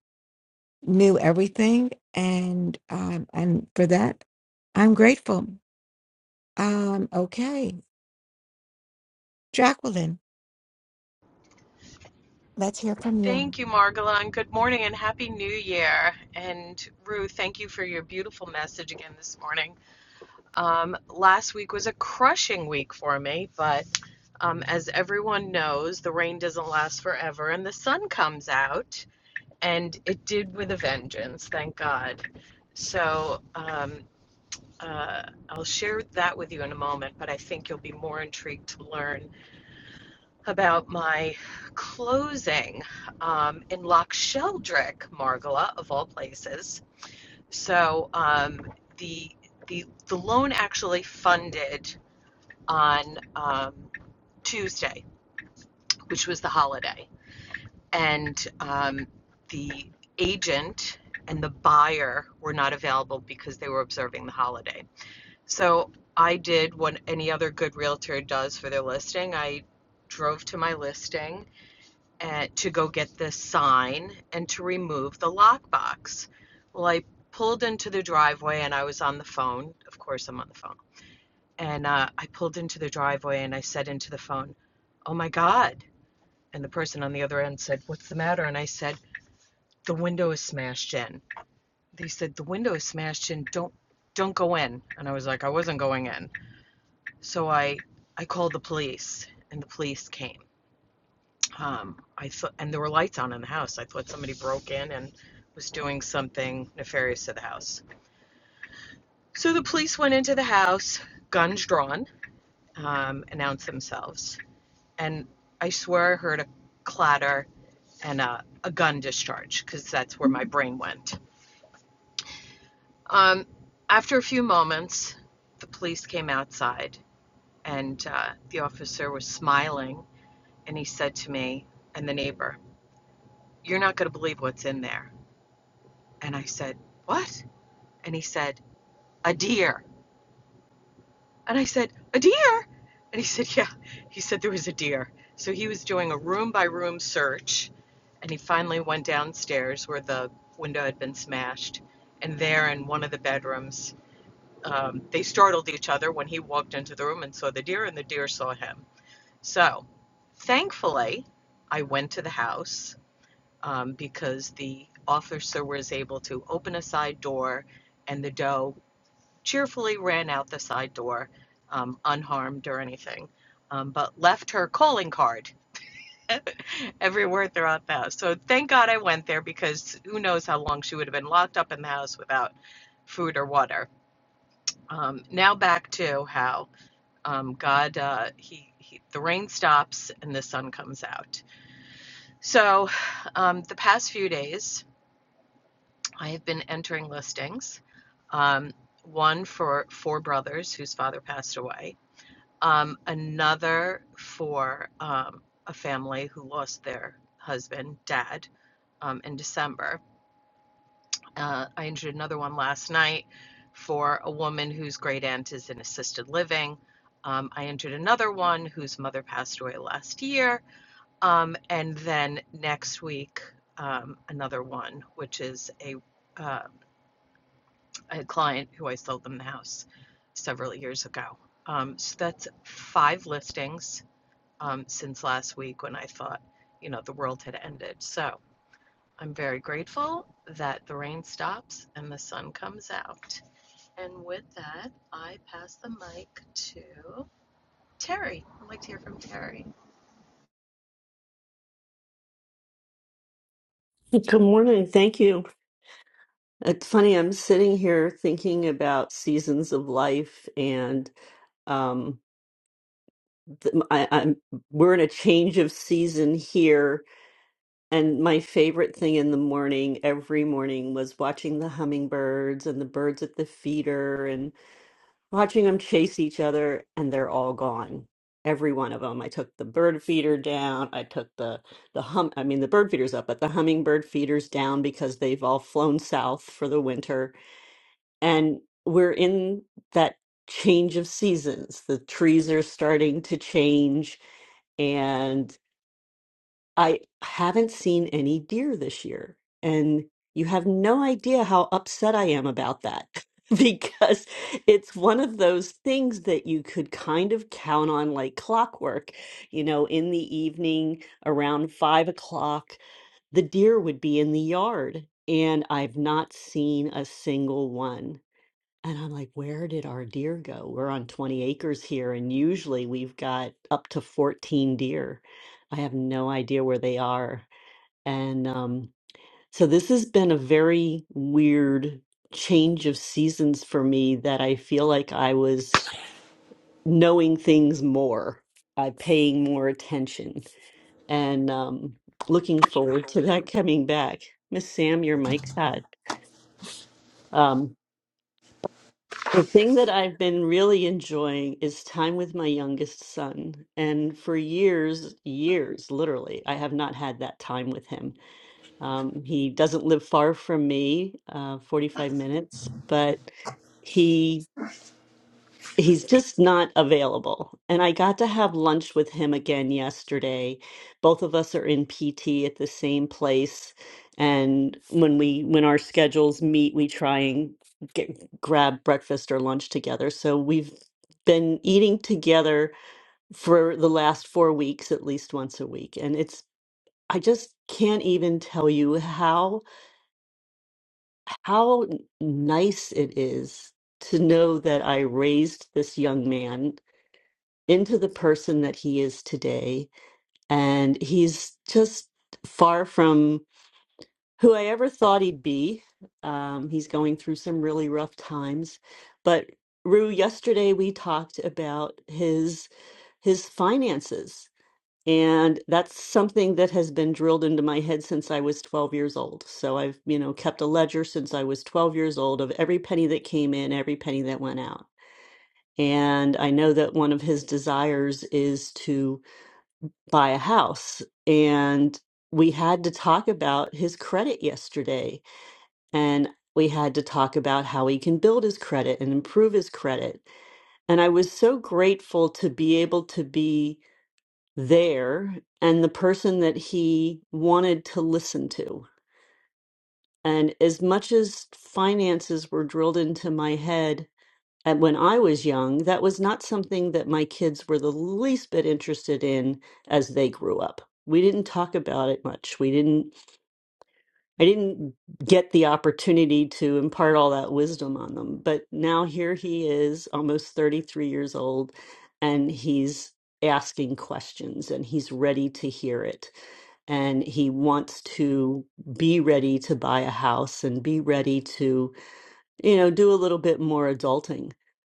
knew everything, and um, and for that, I'm grateful. Um, okay, Jacqueline, let's hear from you. Thank you, Margola, and good morning and happy new year. And Ruth, thank you for your beautiful message again this morning. Um, last week was a crushing week for me, but um, as everyone knows, the rain doesn't last forever and the sun comes out, and it did with a vengeance, thank God. So um, uh, I'll share that with you in a moment, but I think you'll be more intrigued to learn about my closing um, in Loch Sheldrick, Margala, of all places. So um, the the the loan actually funded on um, Tuesday, which was the holiday, and um, the agent and the buyer were not available because they were observing the holiday. So I did what any other good realtor does for their listing. I drove to my listing and to go get this sign and to remove the lockbox. Well, I pulled into the driveway and I was on the phone. Of course, I'm on the phone. And uh, I pulled into the driveway and I said into the phone, Oh my God. And the person on the other end said, What's the matter? And I said, The window is smashed in. They said, The window is smashed in. Don't don't go in. And I was like, I wasn't going in. So I I called the police and the police came Um, I thought, and there were lights on in the house. I thought somebody broke in and was doing something nefarious to the house. So the police went into the house, guns drawn, um, announced themselves, and I swear I heard a clatter and a, a gun discharge because that's where my brain went. Um, after a few moments, the police came outside, and uh, the officer was smiling, and he said to me and the neighbor, "You're not going to believe what's in there." And I said, What? And he said, A deer. And I said, A deer? And he said, Yeah. He said there was a deer. So he was doing a room by room search. And he finally went downstairs where the window had been smashed. And there in one of the bedrooms, um, they startled each other when he walked into the room and saw the deer, and the deer saw him. So thankfully, I went to the house um, because the officer was able to open a side door and the doe cheerfully ran out the side door, um, unharmed or anything, um, but left her calling card everywhere throughout the house. So thank God I went there because who knows how long she would have been locked up in the house without food or water. Um, now back to how um, God, uh, he, he, the rain stops and the sun comes out. So um, the past few days, I have been entering listings. Um, one for four brothers whose father passed away um, another for um, a family who lost their husband, dad, um, in December. Uh, I injured another one last night for a woman whose great aunt is in assisted living. Um, I entered another one whose mother passed away last year. Um, and then next week, um, another one, which is a, uh, a client who I sold them the house several years ago. Um, so that's five listings um, since last week when I thought, you know, the world had ended. So I'm very grateful that the rain stops and the sun comes out. And with that, I pass the mic to Terry. I'd like to hear from Terry. Good morning. Thank you. It's funny, I'm sitting here thinking about seasons of life, and um, th- I, I'm we're in a change of season here. And my favorite thing in the morning, every morning, was watching the hummingbirds and the birds at the feeder and watching them chase each other, and they're all gone. Every one of them. I took the bird feeder down. I took the the hum. I mean, the bird feeder's up, but the hummingbird feeder's down because they've all flown south for the winter and we're in that change of seasons. The trees are starting to change, and I haven't seen any deer this year. And you have no idea how upset I am about that because it's one of those things that you could kind of count on like clockwork. You know, in the evening around five o'clock, the deer would be in the yard, and I've not seen a single one. And I'm like, where did our deer go? We're on 20 acres here, and usually we've got up to 14 deer. I have no idea where they are. And um, so this has been a very weird change of seasons for me that I feel like I was knowing things more, uh, paying more attention, and um, looking forward to that coming back. Miss Sam, your mic's hot. Um, The thing that I've been really enjoying is time with my youngest son. And for years, years, literally, I have not had that time with him. Um, he doesn't live far from me, uh, 45 minutes, but. he he's just not available. And I got to have lunch with him again yesterday. Both of us are in PT at the same place, and when we when our schedules meet, we try and get, grab breakfast or lunch together. So we've been eating together for the last 4 weeks at least once a week, and it's I just can't even tell you how how nice it is to know that I raised this young man into the person that he is today. And he's just far from who I ever thought he'd be. Um, he's going through some really rough times. But Rue, yesterday we talked about his his finances. And that's something that has been drilled into my head since I was 12 years old. So I've, you know, kept a ledger since I was 12 years old of every penny that came in, every penny that went out. And I know that one of his desires is to buy a house and we had to talk about his credit yesterday and we had to talk about how he can build his credit and improve his credit and i was so grateful to be able to be there and the person that he wanted to listen to and as much as finances were drilled into my head and when I was young, that was not something that my kids were the least bit interested in as they grew up. We didn't talk about it much. We didn't, I didn't get the opportunity to impart all that wisdom on them. But now here he is, almost 33 years old, and he's asking questions and he's ready to hear it. And he wants to be ready to buy a house and be ready to you know, do a little bit more adulting,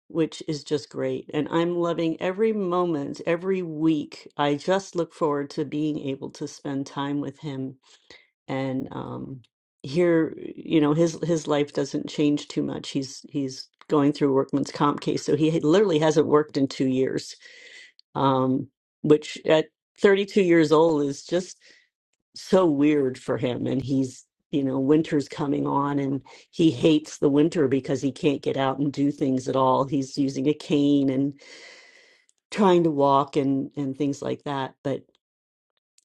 which is just great. And I'm loving every moment, every week. I just look forward to being able to spend time with him and um here, you know, his his life doesn't change too much. He's he's going through a workman's comp case, so he literally hasn't worked in two years. Um, which at 32 years old is just so weird for him and he's you know winter's coming on and he hates the winter because he can't get out and do things at all he's using a cane and trying to walk and and things like that but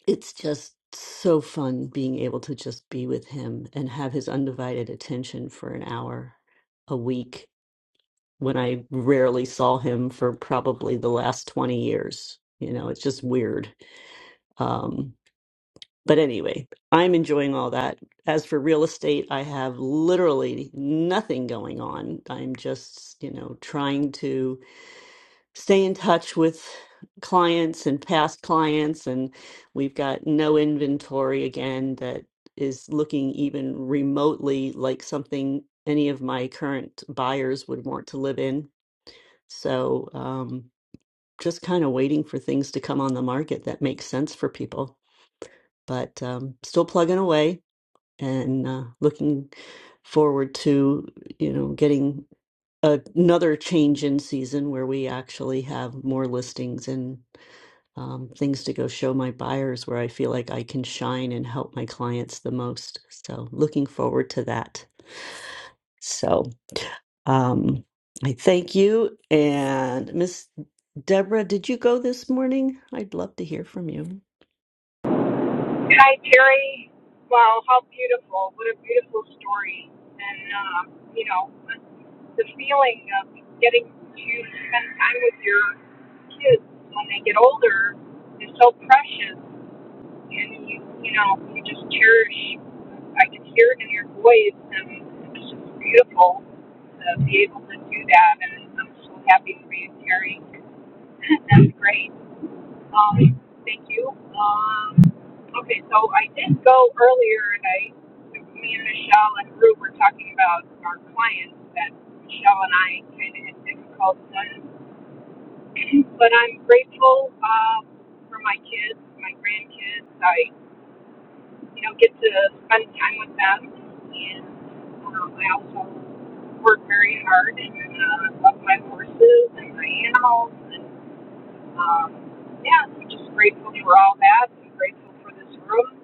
it's just so fun being able to just be with him and have his undivided attention for an hour a week when i rarely saw him for probably the last 20 years you know it's just weird Um, But anyway, I'm enjoying all that. As for real estate, I have literally nothing going on. I'm just, you know, trying to stay in touch with clients and past clients. And we've got no inventory again that is looking even remotely like something any of my current buyers would want to live in. So, um, just kind of waiting for things to come on the market that make sense for people. But um, still plugging away and uh, looking forward to you know getting a- another change in season where we actually have more listings and um, things to go show my buyers where I feel like I can shine and help my clients the most. So looking forward to that. So um, I thank you and Miss Deborah. Did you go this morning? I'd love to hear from you. Hi, Terry. Wow, how beautiful. What a beautiful story. And, uh, you know, the feeling of getting to spend time with your kids when they get older is so precious. and you, you know, you just cherish. I can hear it in your voice, and it's just beautiful to be able to do that. And I'm so happy for you, Terry. That's great. Um, thank you. Um, okay, so I did go earlier, and I, me and Michelle and Rue were talking about our clients that Michelle and I kind of had difficult times. But I'm grateful uh, for my kids, my grandkids. I. you know, get to spend time with them. And um, I also work very hard and uh, love my horses and my animals. And um, yeah, so just grateful for all that. i grateful for this room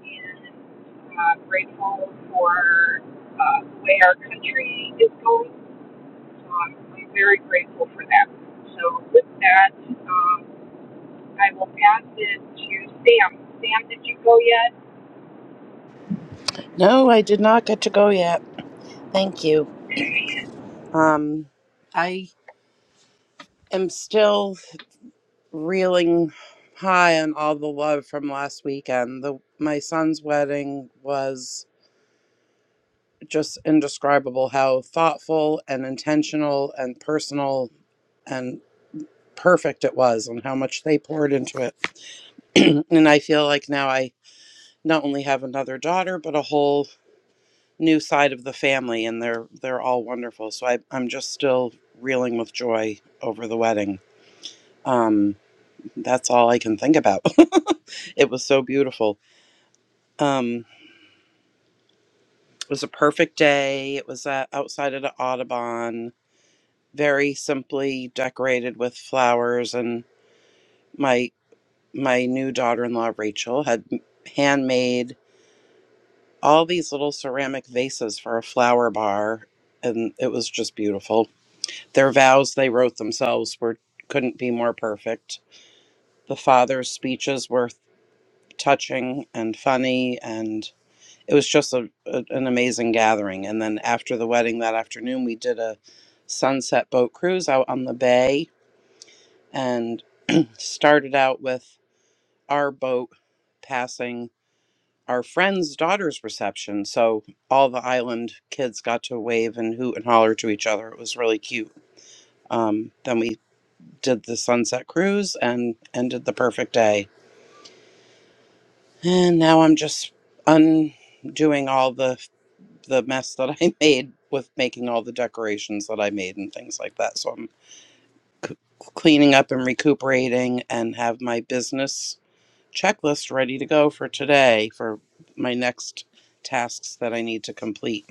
and uh, grateful for uh, the way our country is going. So I'm, I'm very grateful for that. So with that, um, I will pass it to Sam. Sam, did you go yet? No, I did not get to go yet. Thank you. Um, I am still reeling high on all the love from last weekend. The, my son's wedding was just indescribable how thoughtful and intentional and personal and perfect it was, and how much they poured into it. and I feel like now I not only have another daughter, but a whole new side of the family and they're they're all wonderful so I, i'm just still reeling with joy over the wedding um that's all i can think about it was so beautiful um it was a perfect day it was uh, outside of the audubon very simply decorated with flowers and my my new daughter-in-law rachel had handmade all these little ceramic vases for a flower bar and it was just beautiful Their vows they wrote themselves were couldn't be more perfect. The father's speeches were touching and funny, and it was just a, a- an amazing gathering. And then after the wedding that afternoon, we did a sunset boat cruise out on the bay, and started out with our boat passing our friend's daughter's reception. So all the island kids got to wave and hoot and holler to each other. It was really cute. Um, then we did the sunset cruise and ended the perfect day. And now I'm just undoing all the the mess that I made with making all the decorations that I made and things like that. So I'm c- cleaning up and recuperating and have my business checklist ready to go for today for my next tasks that I need to complete.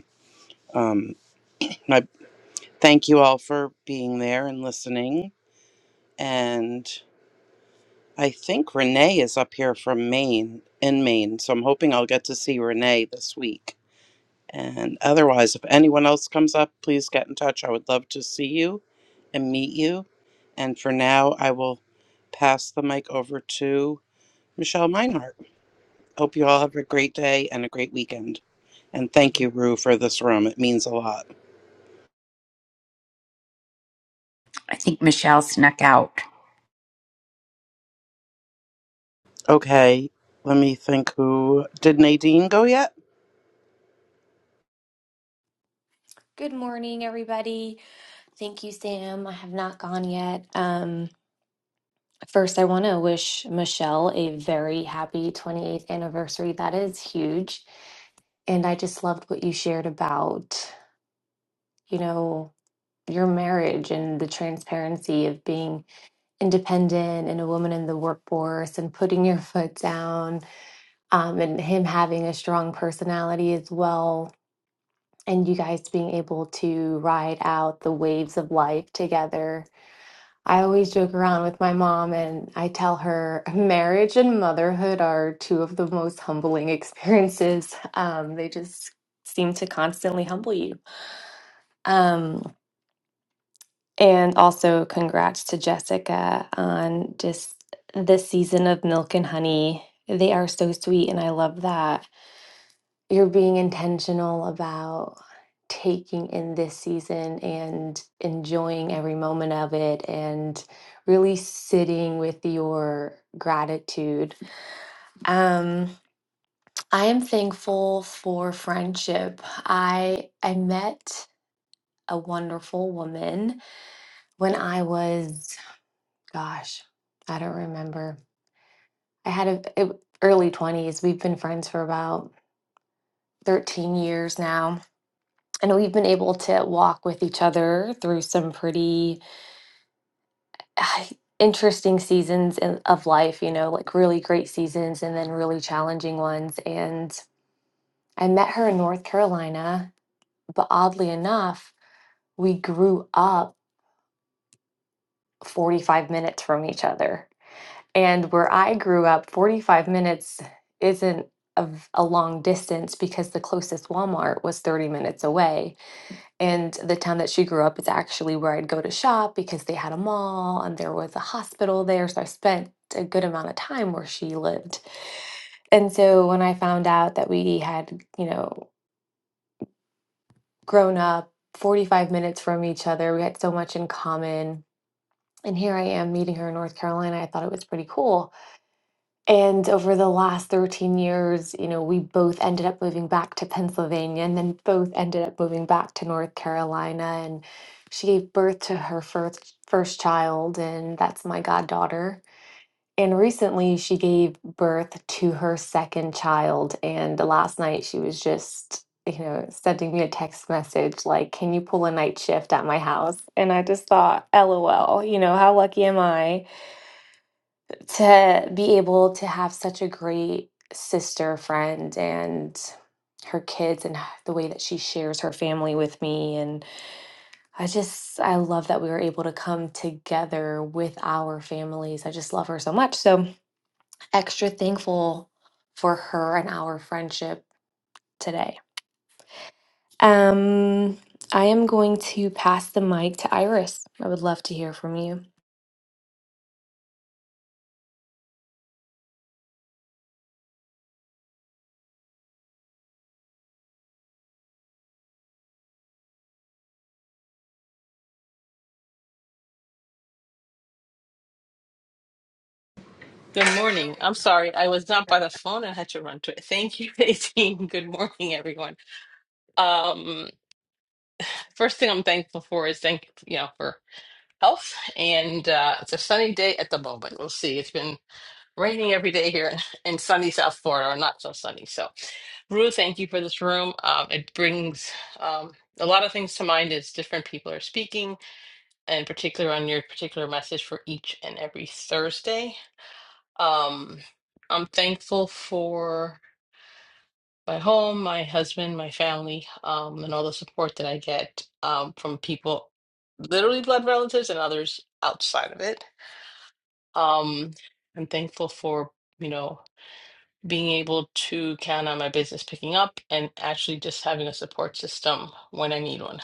Um, I thank you all for being there and listening. And I think Renee is up here from Maine, in Maine. So I'm hoping I'll get to see Renee this week. And otherwise, if anyone else comes up, please get in touch. I would love to see you and meet you. And for now, I will pass the mic over to Michelle Meinhardt. Hope you all have a great day and a great weekend. And thank you, Rue, for this room. It means a lot. I think Michelle snuck out. Okay, let me think who. Did Nadine go yet? Good morning, everybody. Thank you, Sam. I have not gone yet. Um, first, I want to wish Michelle a very happy 28th anniversary. That is huge. And I just loved what you shared about, you know, your marriage and the transparency of being independent and a woman in the workforce and putting your foot down, um, and him having a strong personality as well. And you guys being able to ride out the waves of life together I always joke around with my mom and I tell her marriage and motherhood are two of the most humbling experiences. Um, they just seem to constantly humble you. Um, and also, congrats to Jessica on just this season of Milk and Honey. They are so sweet, and I love that you're being intentional about taking in this season and enjoying every moment of it and really sitting with your gratitude. Um, I am thankful for friendship. I I met a wonderful woman when I was, gosh, I don't remember. I had a, it- early 20s. We've been friends for about 13 years now and we've been able to walk with each other through some pretty uh, interesting seasons in, of life, you know, like really great seasons and then really challenging ones. And I met her in North Carolina, but oddly enough, we grew up 45 minutes from each other. And where I grew up, 45 minutes isn't of a long distance because the closest Walmart was 30 minutes away. And the town that she grew up is actually where I'd go to shop because they had a mall and there was a hospital there. So I spent a good amount of time where she lived. And so when I found out that we had, you know, grown up 45 minutes from each other, we had so much in common. And here I am meeting her in North Carolina. I thought it was pretty cool. And over the last 13 years, you know, we both ended up moving back to Pennsylvania and then both ended up moving back to North Carolina. And she gave birth to her first, first child, and that's my goddaughter. And recently she gave birth to her second child. And last night she was just, you know, sending me a text message like, Can you pull a night shift at my house? And I just thought, LOL, you know, how lucky am I? to be able to have such a great sister friend and her kids and the way that she shares her family with me and I just I love that we were able to come together with our families. I just love her so much. So extra thankful for her and our friendship today. Um I am going to pass the mic to Iris. I would love to hear from you. Good morning. I'm sorry, I was not by the phone. I had to run to it. Thank you, 18. Good morning, everyone. Um, first thing I'm thankful for is thank you know for health, and uh, it's a sunny day at the moment. We'll see. It's been raining every day here in sunny South Florida, or not so sunny. So, Ruth, thank you for this room. Um, it brings um, a lot of things to mind as different people are speaking, and in particular on your particular message for each and every Thursday. Um, I'm thankful for. my home, my husband, my family, um, and all the support that I get um, from people, literally blood relatives and others outside of it. Um, I'm thankful for, you know, being able to count on my business picking up and actually just having a support system when I need one.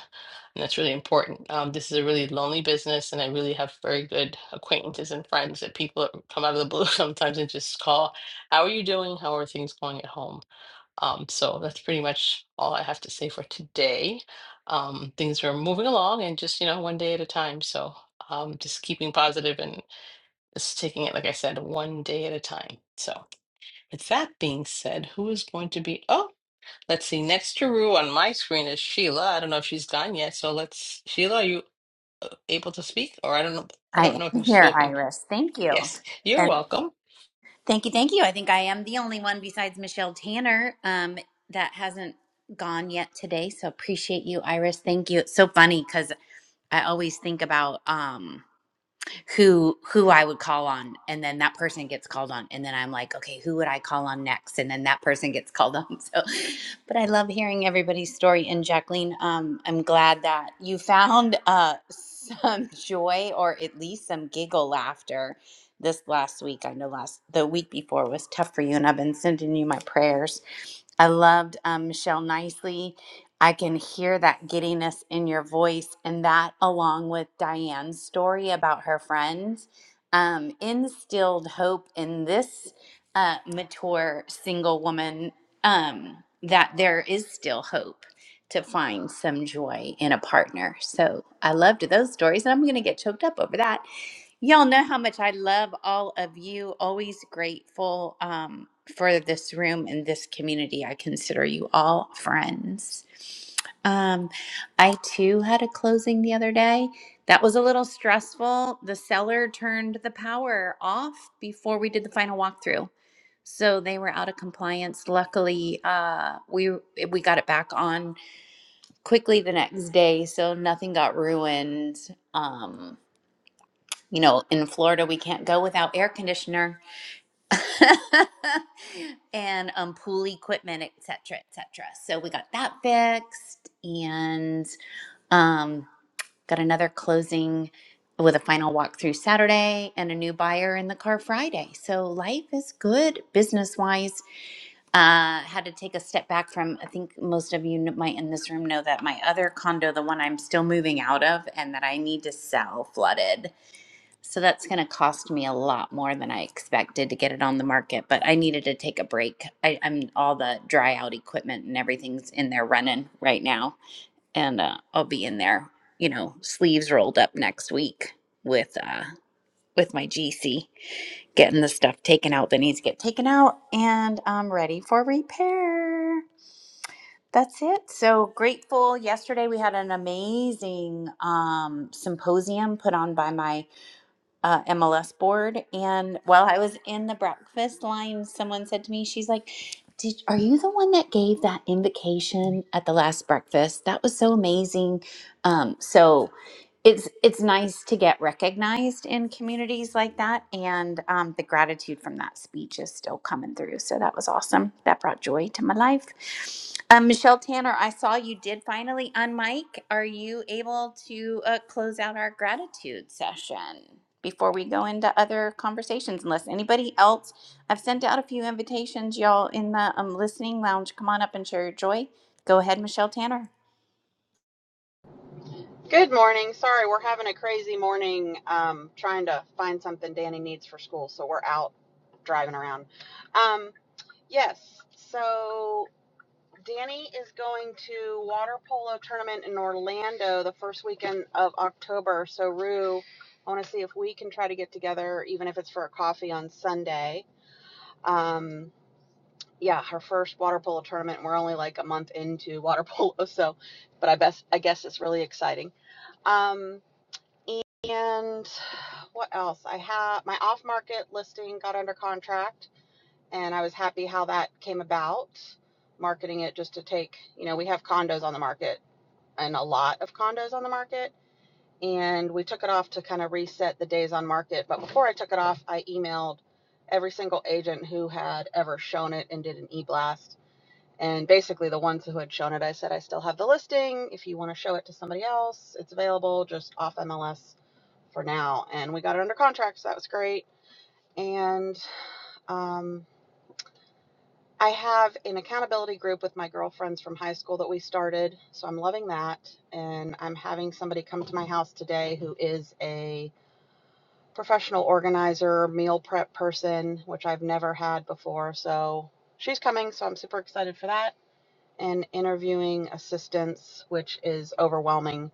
And that's really important. Um, this is a really lonely business, and I really have very good acquaintances and friends that people come out of the blue sometimes and just call, How are you doing? How are things going at home? Um, so that's pretty much all I have to say for today. Um, things are moving along and just, you know, one day at a time. So um, just keeping positive and just taking it, like I said, one day at a time. So with that being said, who is going to be? Oh, let's see. Next to Rue on my screen is Sheila. I don't know if she's gone yet. So let's, Sheila, are you uh, able to speak? Or I don't know. I don't I know if am you've here, spoken. Iris. Thank you. Yes, you're And welcome. thank you, thank you. I think I am the only one besides Michelle Tanner um, that hasn't gone yet today. So appreciate you, Iris. Thank you. It's so funny because I always think about um, who who I would call on and then that person gets called on and then I'm like okay who would I call on next and then that person gets called on so but I love hearing everybody's story and Jacqueline um I'm glad that you found uh some joy or at least some giggle laughter this last week I know last the week before was tough for you and I've been sending you my prayers I loved um, Michelle Nicely. I can hear that giddiness in your voice, and that, along with Diane's story about her friends, um, instilled hope in this uh, mature single woman um, that there is still hope to find some joy in a partner. So I loved those stories, and I'm going to get choked up over that. Y'all know how much I love all of you. Always grateful um, for this room and this community. I consider you all friends. Um, I too had a closing the other day. That was a little stressful. The seller turned the power off before we did the final walkthrough. So they were out of compliance. Luckily, uh, we we got it back on quickly the next day, so nothing got ruined. Um, you know, in Florida, we can't go without air conditioner and um, pool equipment, et cetera, et cetera. So we got that fixed and um, got another closing with a final walkthrough Saturday and a new buyer in the car Friday. So life is good business wise. Uh, had to take a step back from, I think most of you kn- might in this room know that my other condo, the one I'm still moving out of and that I need to sell, flooded. So that's going to cost me a lot more than I expected to get it on the market, but I needed to take a break. I, I'm all the dry out equipment and everything's in there running right now, and uh, I'll be in there, you know, sleeves rolled up next week with uh, with my GC, getting the stuff taken out that needs to get taken out, and I'm ready for repair. That's it. So grateful. Yesterday we had an amazing um, symposium put on by my uh, MLS board. And while I was in the breakfast line, someone said to me, "She's like, Did, are you the one that gave that invocation at the last breakfast? That was so amazing." Um, so it's it's nice to get recognized in communities like that and um, the gratitude from that speech is still coming through so that was awesome that brought joy to my life um, michelle tanner i saw you did finally on are you able to uh, close out our gratitude session before we go into other conversations unless anybody else i've sent out a few invitations y'all in the um, listening lounge come on up and share your joy go ahead michelle tanner Good morning. Sorry, we're having a crazy morning um, trying to find something Danny needs for school, so we're out driving around. Yes. So Danny is going to water polo tournament in Orlando the first weekend of October. So Rue, I want to see if we can try to get together, even if it's for a coffee on Sunday. Um, yeah, her first water polo tournament. We're only like a month into water polo, so, but I best I guess it's really exciting. Um, and what else? I have my off market listing got under contract and I was happy how that came about. Marketing it just to take, you know, we have condos on the market and a lot of condos on the market, and we took it off to kind of reset the days on market. But before I took it off, I emailed every single agent who had ever shown it and did an e blast. And basically, the ones who had shown it, I said, I still have the listing. If you want to show it to somebody else, it's available just off MLS for now. And we got it under contract, so that was great. And um, I have an accountability group with my girlfriends from high school that we started, so I'm loving that. And I'm having somebody come to my house today who is a professional organizer, meal prep person, which I've never had before. So she's coming, so I'm super excited for that. And interviewing assistants, which is overwhelming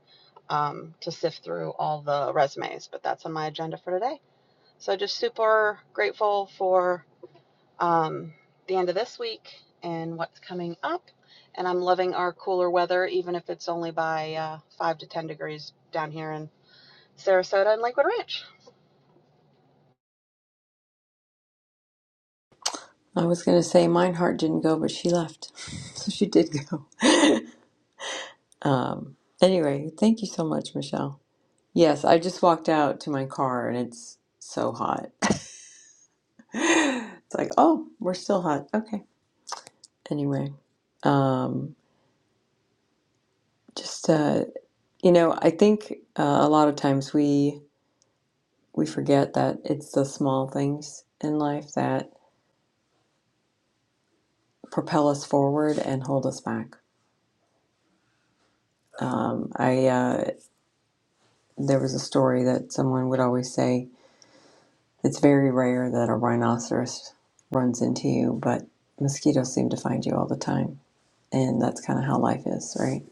um, to sift through all the resumes, but that's on my agenda for today. So just super grateful for um, the end of this week and what's coming up. And I'm loving our cooler weather, even if it's only by uh, 5 to 10 degrees down here in Sarasota and Lakewood Ranch. I was going to say mine heart didn't go, but she left. so she did go. Um, anyway, thank you so much, Michelle. Yes, I just walked out to my car and it's so hot. it's like, oh, we're still hot. Okay. Anyway, um, just, uh, you know, I think uh, a lot of times we we forget that it's the small things in life that propel us forward and hold us back. Um, I uh, there was a story that someone would always say it's very rare that a rhinoceros runs into you, but mosquitoes seem to find you all the time, and that's kind of how life is, right?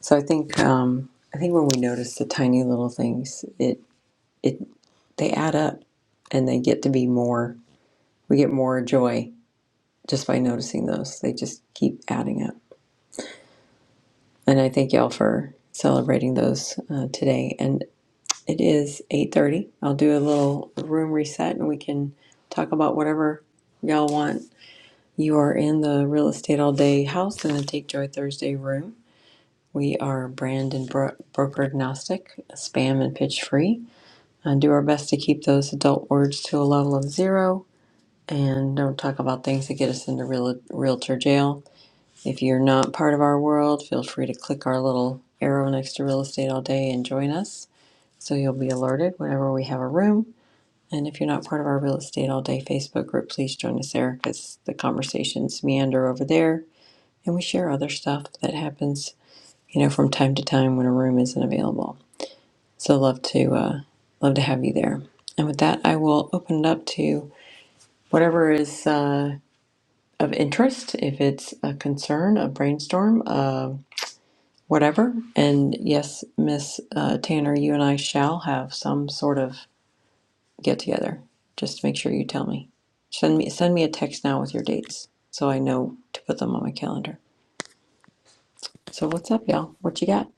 So I think um, I think when we notice the tiny little things, it it they add up, and they get to be more. We get more joy just by noticing those. They just keep adding up, and I thank y'all for celebrating those uh, today. And It is 8:30. I'll do a little room reset and we can talk about whatever y'all want. You are in the real estate all day house in the Take Joy Thursday room. We are brand and bro- broker agnostic, spam and pitch free, and do our best to keep those adult words to a level of zero and don't talk about things that get us into real- realtor jail. If you're not part of our world, feel free to click our little arrow next to real estate all day and join us so you'll be alerted whenever we have a room. And if you're not part of our Real Estate All Day Facebook group, please join us there because the conversations meander over there and we share other stuff that happens, you know, from time to time when a room isn't available. So love to uh, love to have you there. And with that, I will open it up to whatever is uh, of interest, if it's a concern, a brainstorm, uh, whatever. And yes, Miss uh, Tanner, you and I shall have some sort of get together. Just make sure you tell me. Send me send me a text now with your dates so I know to put them on my calendar. So what's up, y'all? What you got?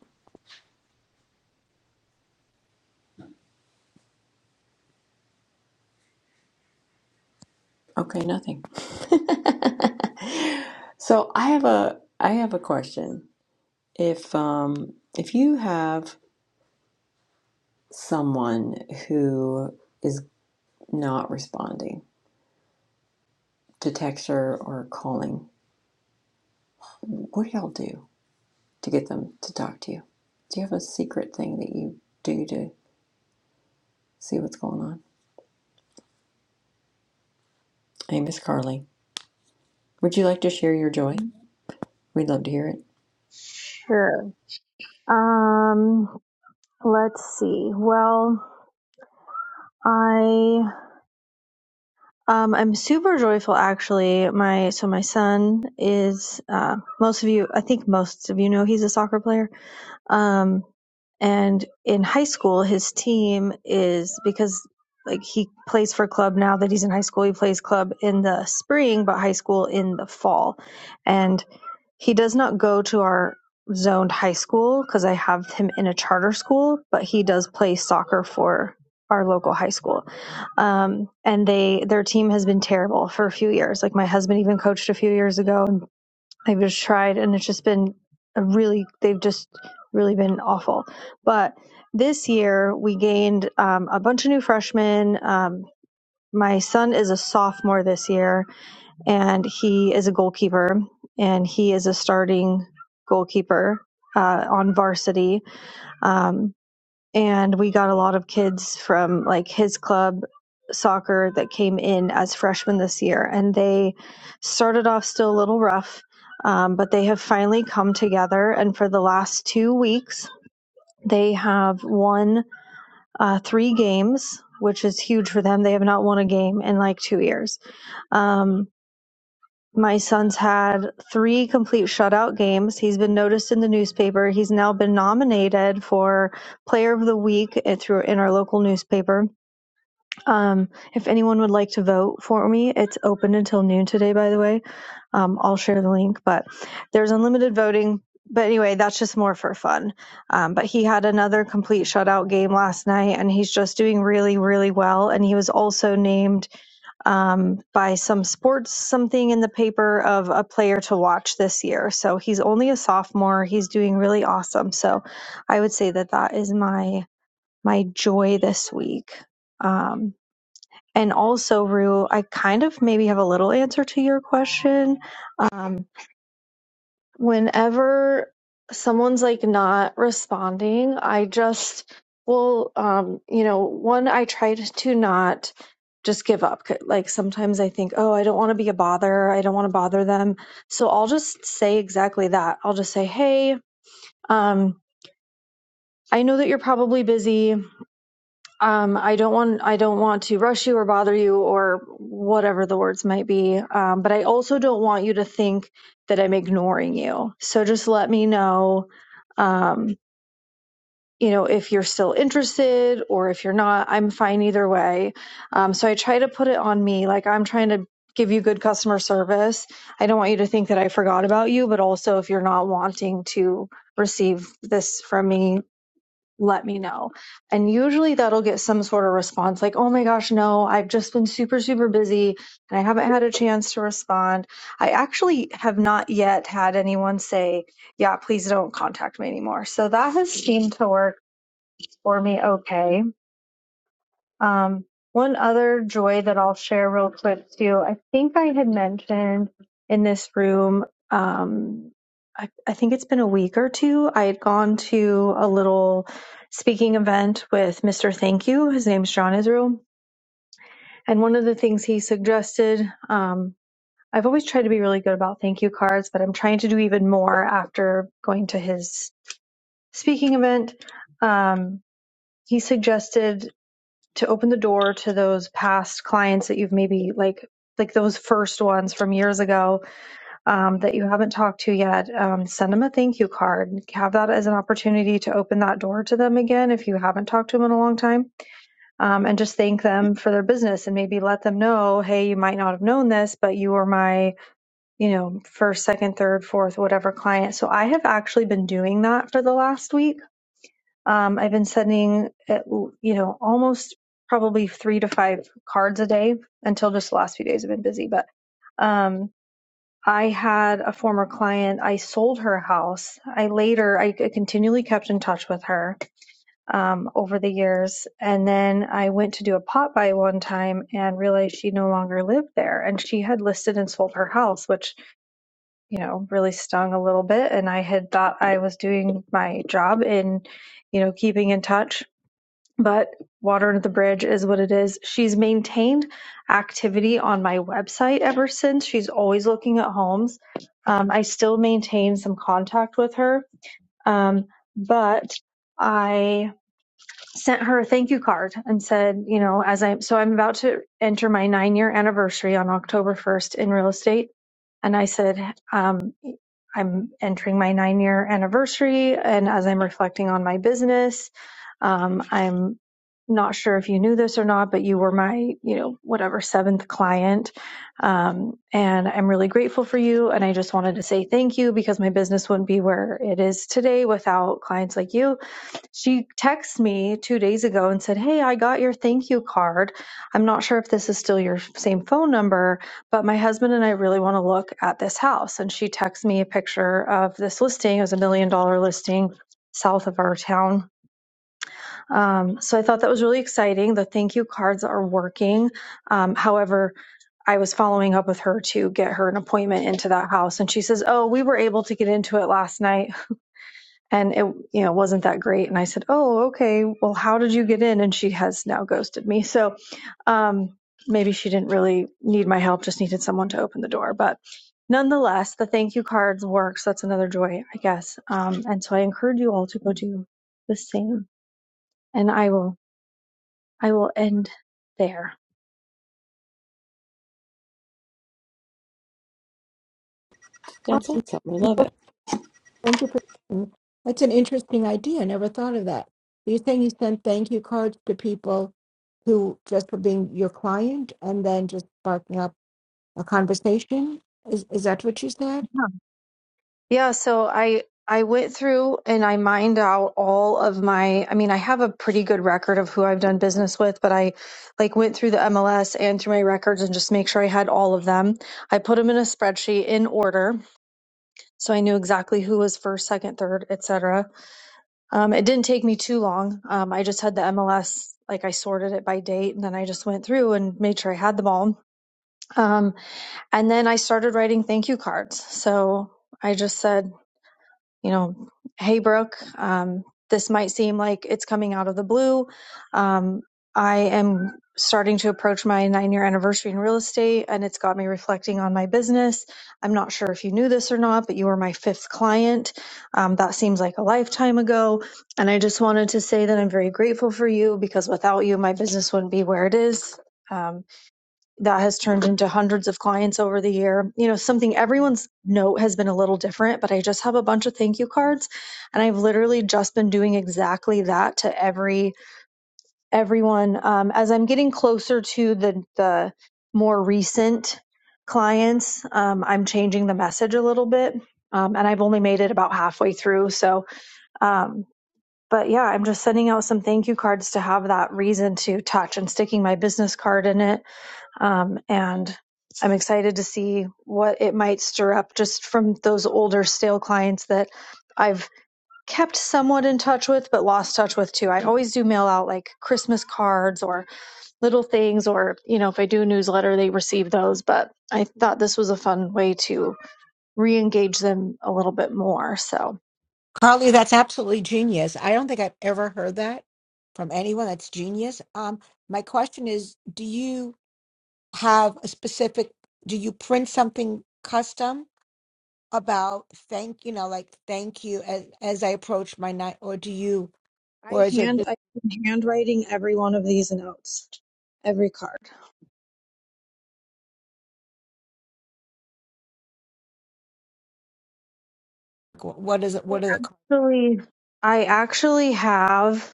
Okay, nothing. so I have a I have a question. If um if you have someone who is not responding to text or, or calling, what do y'all do to get them to talk to you? Do you have a secret thing that you do to see what's going on? Hey, Miss Carly. Would you like to share your joy? Mhm. We'd love to hear it. Sure. Um, let's see. Well, I um, I'm super joyful actually. My so my son is uh, most of you I think most of you know he's a soccer player. Um, and in high school, his team is because like he plays for club now that he's in high school. He plays club in the spring, but high school in the fall. And he does not go to our zoned high school because I have him in a charter school, but he does play soccer for our local high school. Um, and they their team has been terrible for a few years. Like my husband even coached a few years ago i have just tried, and it's just been a really, they've just really been awful. But this year, we gained um, a bunch of new freshmen. Um, my son is a sophomore this year, and he is a goalkeeper, and he is a starting goalkeeper uh, on varsity. Um, and we got a lot of kids from like his club soccer that came in as freshmen this year and they started off still a little rough um, but they have finally come together and for the last two weeks they have won uh, three games which is huge for them they have not won a game in like two years Um, my son's had three complete shutout games. He's been noticed in the newspaper. He's now been nominated for Player of the Week at- through in our local newspaper. Um, if anyone would like to vote for me, it's open until noon today. By the way, um, I'll share the link. But there's unlimited voting. But anyway, that's just more for fun. Um, but he had another complete shutout game last night, and he's just doing really, really well. And he was also named um, by some sports something in the paper of a player to watch this year. So he's only a sophomore. He's doing really awesome. So I would say that that is my my joy this week. Um, and also, Rue, I kind of maybe have a little answer to your question. Um, whenever someone's like not responding, I just will, um, you know, one, I try to to not just give up. 'Cause, Like sometimes I think, oh, I don't want to be a bother. I don't want to bother them. So I'll just say exactly that. I'll just say, hey, um, I know that you're probably busy um, I don't want I don't want to rush you or bother you or whatever the words might be. Um, but I also don't want you to think that I'm ignoring you. So just let me know, um, you know, if you're still interested or if you're not. I'm fine either way. Um, so I try to put it on me, like I'm trying to give you good customer service. I don't want you to think that I forgot about you, but also if you're not wanting to receive this from me let me know. And usually that'll get some sort of response like, oh my gosh, no, I've just been super, super busy and I haven't had a chance to respond. I actually have not yet had anyone say, yeah, please don't contact me anymore. So that has seemed to work for me okay. Um, one other joy that I'll share real quick too. I think I had mentioned in this room, um, I, I think it's been a week or two. I had gone to a little speaking event with Mr. Thank You. His name's John Israel. And one of the things he suggested, um, I've always tried to be really good about thank you cards, but I'm trying to do even more after going to his speaking event. Um, he suggested to open the door to those past clients that you've maybe like like those first ones from years ago um, that you haven't talked to yet um, send them a thank you card have that as an opportunity to open that door to them again if you haven't talked to them in a long time um, and just thank them for their business and maybe let them know hey you might not have known this but you were my you know first second third fourth whatever client so i have actually been doing that for the last week um, I've been sending, at, you know, almost probably three to five cards a day until just the last few days i have been busy. But um, I had a former client. I sold her house. I later, I continually kept in touch with her um, over the years, and then I went to do a pot buy one time and realized she no longer lived there, and she had listed and sold her house, which you know really stung a little bit. And I had thought I was doing my job in, you know, keeping in touch but Water Under the Bridge is what it is. She's maintained activity on my website ever since. She's always looking at homes. Um, I still maintain some contact with her, um, but I sent her a thank you card and said, you know, as i so I'm about to enter my nine year anniversary on October 1st in real estate. And I said, um, I'm entering my nine year anniversary. And as I'm reflecting on my business, um, I'm not sure if you knew this or not, but you were my, you know, whatever seventh client. Um, and I'm really grateful for you. And I just wanted to say thank you because my business wouldn't be where it is today without clients like you she texted me two days ago and said, Hey, I got your thank you card. I'm not sure if this is still your same phone number, but my husband and I really want to look at this house. And she texted me a picture of this listing. It was a million dollar listing south of our town. Um, so I thought that was really exciting. The thank you cards are working. Um, however, I was following up with her to get her an appointment into that house. And she says, Oh, we were able to get into it last night and it you know wasn't that great and i said oh okay well how did you get in and she has now ghosted me so um maybe she didn't really need my help just needed someone to open the door but nonetheless the thank you cards works that's another joy i guess um and so i encourage you all to go do the same and i will i will end there Oh, That's awesome. I love it. Thank you for that's an interesting idea. I never thought of that. You're saying you send thank you cards to people who just for being your client and then just sparking up a conversation. Is is that what you said? Yeah, so I I went through and I mined out all of my I mean, I have a pretty good record of who I've done business with, but I like went through the MLS and through my records and just make sure I had all of them. I put them in a spreadsheet in order, so I knew exactly who was first, second, third, etc. Um, it didn't take me too long. Um, I just had the MLS like I sorted it by date and then I just went through and made sure I had them all. Um, and then I started writing thank you cards. So I just said you know, hey, Brooke, um, this might seem like it's coming out of the blue. Um, I am starting to approach my nine year anniversary in real estate, and it's got me reflecting on my business. I'm not sure if you knew this or not, but you were my fifth client. Um, that seems like a lifetime ago. And I just wanted to say that I'm very grateful for you because without you, my business wouldn't be where it is. Um, that has turned into hundreds of clients over the year. You know, something everyone's note has been a little different, but I just have a bunch of thank you cards, and I've literally just been doing exactly that to every everyone. Um, as I'm getting closer to the the more recent clients, um, I'm changing the message a little bit, um, and I've only made it about halfway through. So, um, but yeah, I'm just sending out some thank you cards to have that reason to touch and sticking my business card in it um, and I'm excited to see what it might stir up just from those older stale clients that I've kept somewhat in touch with but lost touch with too. I always do mail out like Christmas cards or little things or you know if I do a newsletter they receive those, but I thought this was a fun way to re-engage them a little bit more. So Carly, that's absolutely genius. I don't think I've ever heard that from anyone. That's genius. Um, my question is, do you? have a specific do you print something custom about thank you know like thank you as as i approach my night or do you I or is it hand just I am handwriting every one of these notes, every card. what is it I what are the actually I actually have.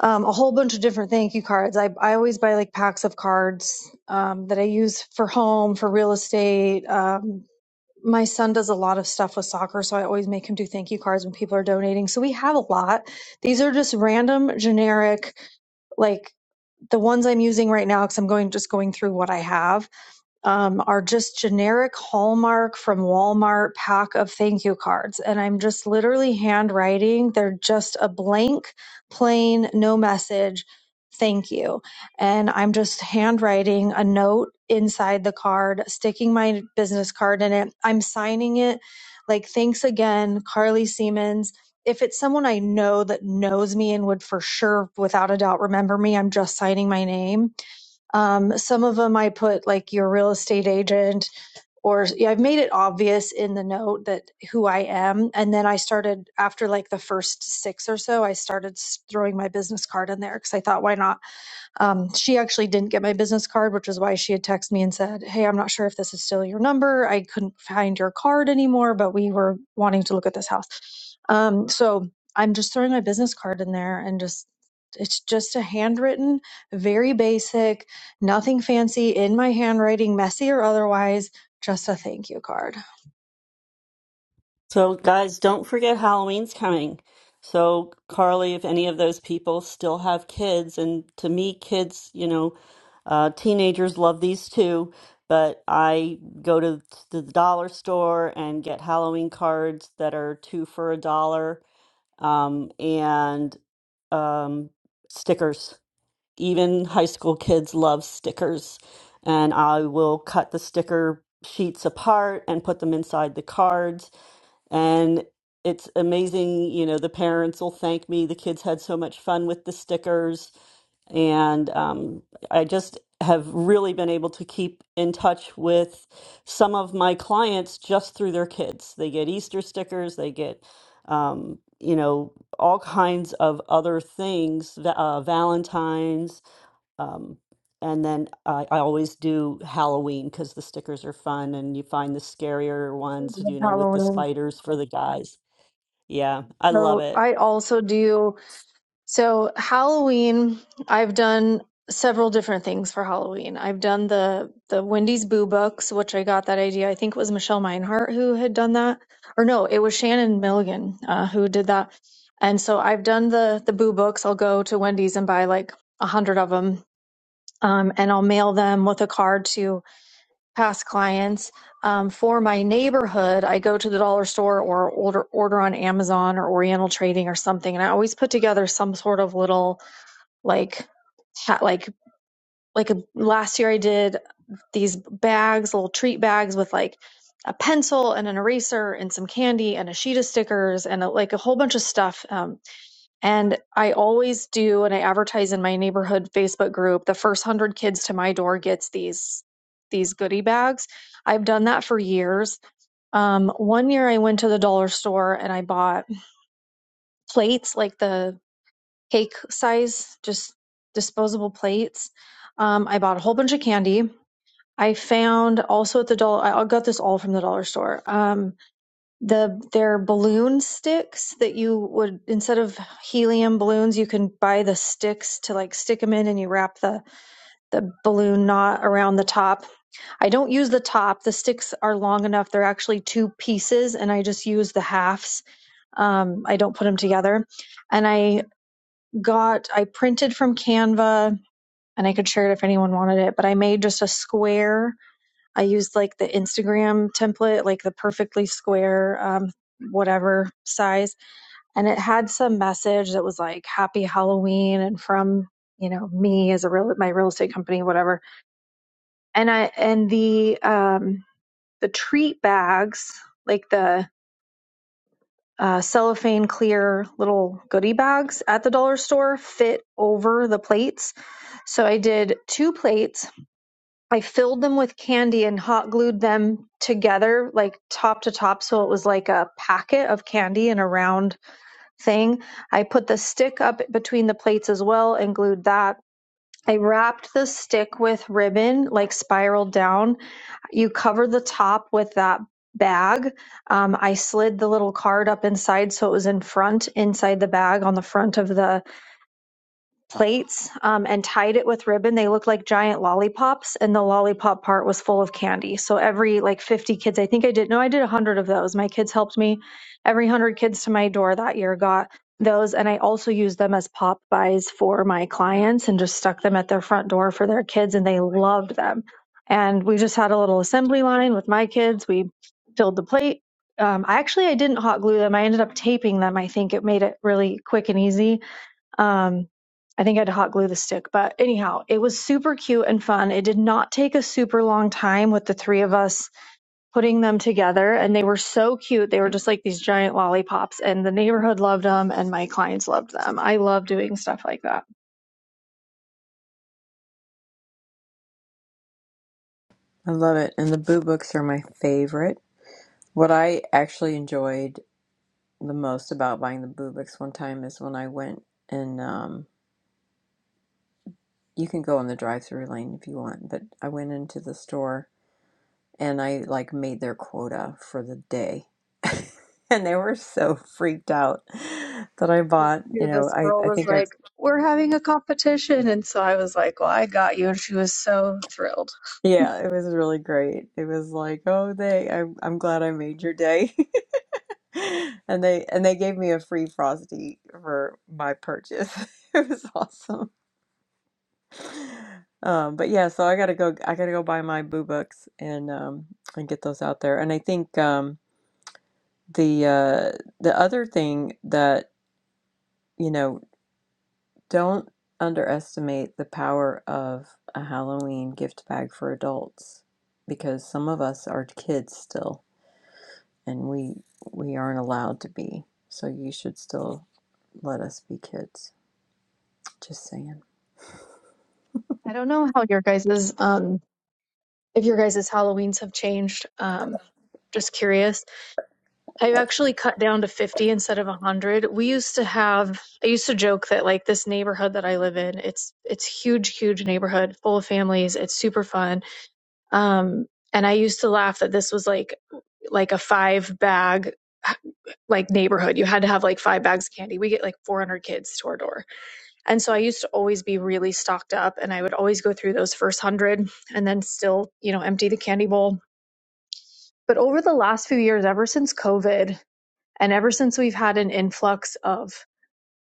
um, a whole bunch of different thank you cards. I, I always buy like packs of cards um, that I use for home, for real estate. Um, my son does a lot of stuff with soccer, so I always make him do thank you cards when people are donating. So we have a lot. These are just random, generic, like the ones I'm using right now because I'm going just going through what I have um, are just generic Hallmark from Walmart pack of thank you cards. And I'm just literally handwriting. They're just a blank, plain, no message, thank you. And I'm just handwriting a note inside the card, sticking my business card in it. I'm signing it like, thanks again, Carly Siemens. If it's someone I know that knows me and would for sure, without a doubt, remember me, I'm just signing my name um, some of them I put like your real estate agent, or yeah, I've made it obvious in the note that who I am. And then I started after like the first six or so, I started s- throwing my business card in there because I thought, why not? Um, she actually didn't get my business card, which is why she had texted me and said, Hey, I'm not sure if this is still your number. I couldn't find your card anymore, but we were wanting to look at this house. Um, so I'm just throwing my business card in there and just, it's just a handwritten, very basic, nothing fancy in my handwriting, messy or otherwise, just a thank you card. So, guys, don't forget Halloween's coming. So, Carly, if any of those people still have kids, and to me, kids, you know, uh, teenagers love these too, but I go to the dollar store and get Halloween cards that are two for a dollar um, and um, stickers. Even high school kids love stickers, and I will cut the sticker sheets apart and put them inside the cards and it's amazing, you know, the parents will thank me. The kids had so much fun with the stickers. And um, I just have really been able to keep in touch with some of my clients just through their kids. They get Easter stickers, they get, um, you know, all kinds of other things, va- uh, Valentine's um, and then I, I always do Halloween because the stickers are fun and you find the scarier ones, you know, with the Halloween. spiders for the guys. Yeah, I love So it. I also do. So, Halloween, I've done several different things for Halloween. I've done the the Wendy's Boo Books, which I got that idea. I think it was Michelle Meinhardt who had done that, or no, it was Shannon Milligan uh, who did that. And so, I've done the the Boo Books. I'll go to Wendy's and buy like a hundred of them, um, and I'll mail them with a card to past clients. Um, for my neighborhood, I go to the dollar store or order order on Amazon or Oriental Trading or something, and I always put together some sort of little like ha- like like a, last year I did these bags, little treat bags with like a pencil and an eraser and some candy and a sheet of stickers and a, like a whole bunch of stuff. Um, and I always do, and I advertise in my neighborhood Facebook group. The first hundred kids to my door gets these these goodie bags. I've done that for years. Um, one year I went to the dollar store and I bought plates, like the cake size, just disposable plates. Um, I bought a whole bunch of candy. I found also at the dollar. I got this all from the dollar store. Um, the their balloon sticks that you would instead of helium balloons, you can buy the sticks to like stick them in, and you wrap the the balloon knot around the top. I don't use the top. The sticks are long enough. They're actually two pieces, and I just use the halves. Um, I don't put them together, and I got I printed from Canva and I could share it if anyone wanted it, but I made just a square. I used like the Instagram template, like the perfectly square um whatever size and it had some message that was like happy halloween and from you know me as a real my real estate company whatever and i and the um the treat bags like the uh, cellophane clear little goodie bags at the dollar store fit over the plates So I did two plates. I filled them with candy and hot glued them together, like top to top. So it was like a packet of candy in a round thing. I put the stick up between the plates as well and glued that. I wrapped the stick with ribbon, like spiraled down. You cover the top with that bag. Um, I slid the little card up inside so it was in front, inside the bag on the front of the plates um, and tied it with ribbon. They looked like giant lollipops, and the lollipop part was full of candy. So every like 50 kids, I think I did, no, I did 100 of those. My kids helped me. Every 100 kids to my door that year got those. And I also used them as pop buys for my clients and just stuck them at their front door for their kids, and they loved them. And we just had a little assembly line with my kids. We filled the plate. Um, I actually I didn't hot glue them. I ended up taping them. I think it made it really quick and easy um, I think I had to hot glue the stick, but anyhow, it was super cute and fun. It did not take a super long time with the three of us putting them together and they were so cute. They were just like these giant lollipops and the neighborhood loved them and my clients loved them. I love doing stuff like that. I love it. And the boo books are my favorite. What I actually enjoyed the most about buying the boo books one time is when I went and um, you can go in the drive through lane if you want, but I went into the store and I like made their quota for the day. and they were so freaked out that I bought, you knew know, this I, girl I was think I, like, "We're having a competition," and so I was like, "Well, I got you," and she was so thrilled. yeah, it was really great. It was like, oh, they, I'm, I'm glad I made your day. And they and they gave me a free frosty for my purchase. It was awesome. Um, but yeah, so I gotta go. I gotta go buy my boo books and um, and get those out there. And I think um, the uh, the other thing that you know don't underestimate the power of a Halloween gift bag for adults because some of us are kids still, and we we aren't allowed to be. So you should still let us be kids. Just saying. I don't know how your guys's um if your guys's Halloweens have changed. Um, just curious. I've actually cut down to 50 instead of 100. We used to have I used to joke that like this neighborhood that I live in, it's it's huge huge neighborhood full of families, it's super fun. Um and I used to laugh that this was like like a five bag like neighborhood. You had to have like five bags of candy. We get like 400 kids door to our door. And so I used to always be really stocked up and I would always go through those first 100 and then still, you know, empty the candy bowl. But over the last few years ever since COVID, and ever since we've had an influx of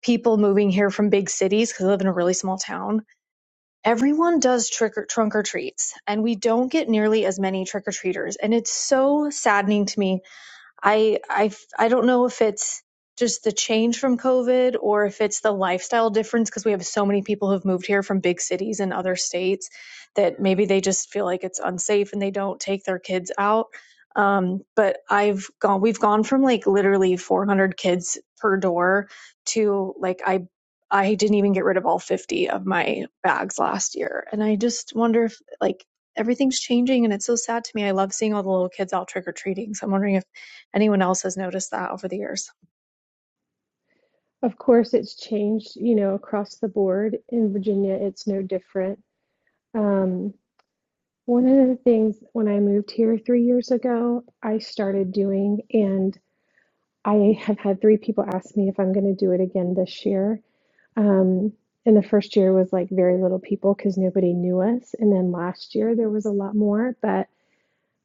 people moving here from big cities, because I live in a really small town, everyone does trick or trunk or treats, and we don't get nearly as many trick or treaters. And it's so saddening to me I I I don't know if it's just the change from COVID or if it's the lifestyle difference because we have so many people who've moved here from big cities and other states that maybe they just feel like it's unsafe and they don't take their kids out. Um, but I've gone we've gone from like literally 400 kids per door to like I I didn't even get rid of all 50 of my bags last year and I just wonder if like everything's changing and it's so sad to me. I love seeing all the little kids out trick or treating. So I'm wondering if anyone else has noticed that over the years. Of course, it's changed, you know, across the board. In Virginia, it's no different. Um, one of the things when I moved here three years ago, I started doing, and I have had three people ask me if I'm going to do it again this year. Um, and the first year was like very little people because nobody knew us. And then last year there was a lot more, but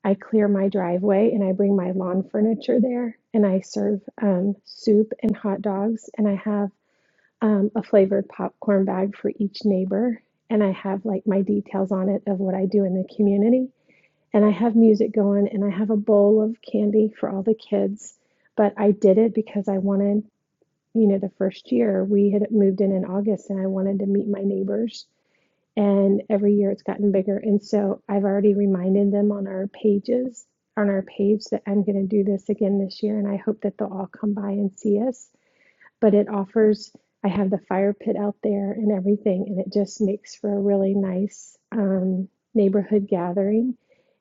I clear my driveway and I bring my lawn furniture there and I serve um, soup and hot dogs. And I have um, a flavored popcorn bag for each neighbor. And I have like my details on it of what I do in the community. And I have music going and I have a bowl of candy for all the kids. But I did it because I wanted you know, the first year we had moved in in August and I wanted to meet my neighbors. And every year it's gotten bigger. And so I've already reminded them on our pages, on our page, that I'm going to do this again this year. And I hope that they'll all come by and see us. But it offers, I have the fire pit out there and everything. And it just makes for a really nice um, neighborhood gathering.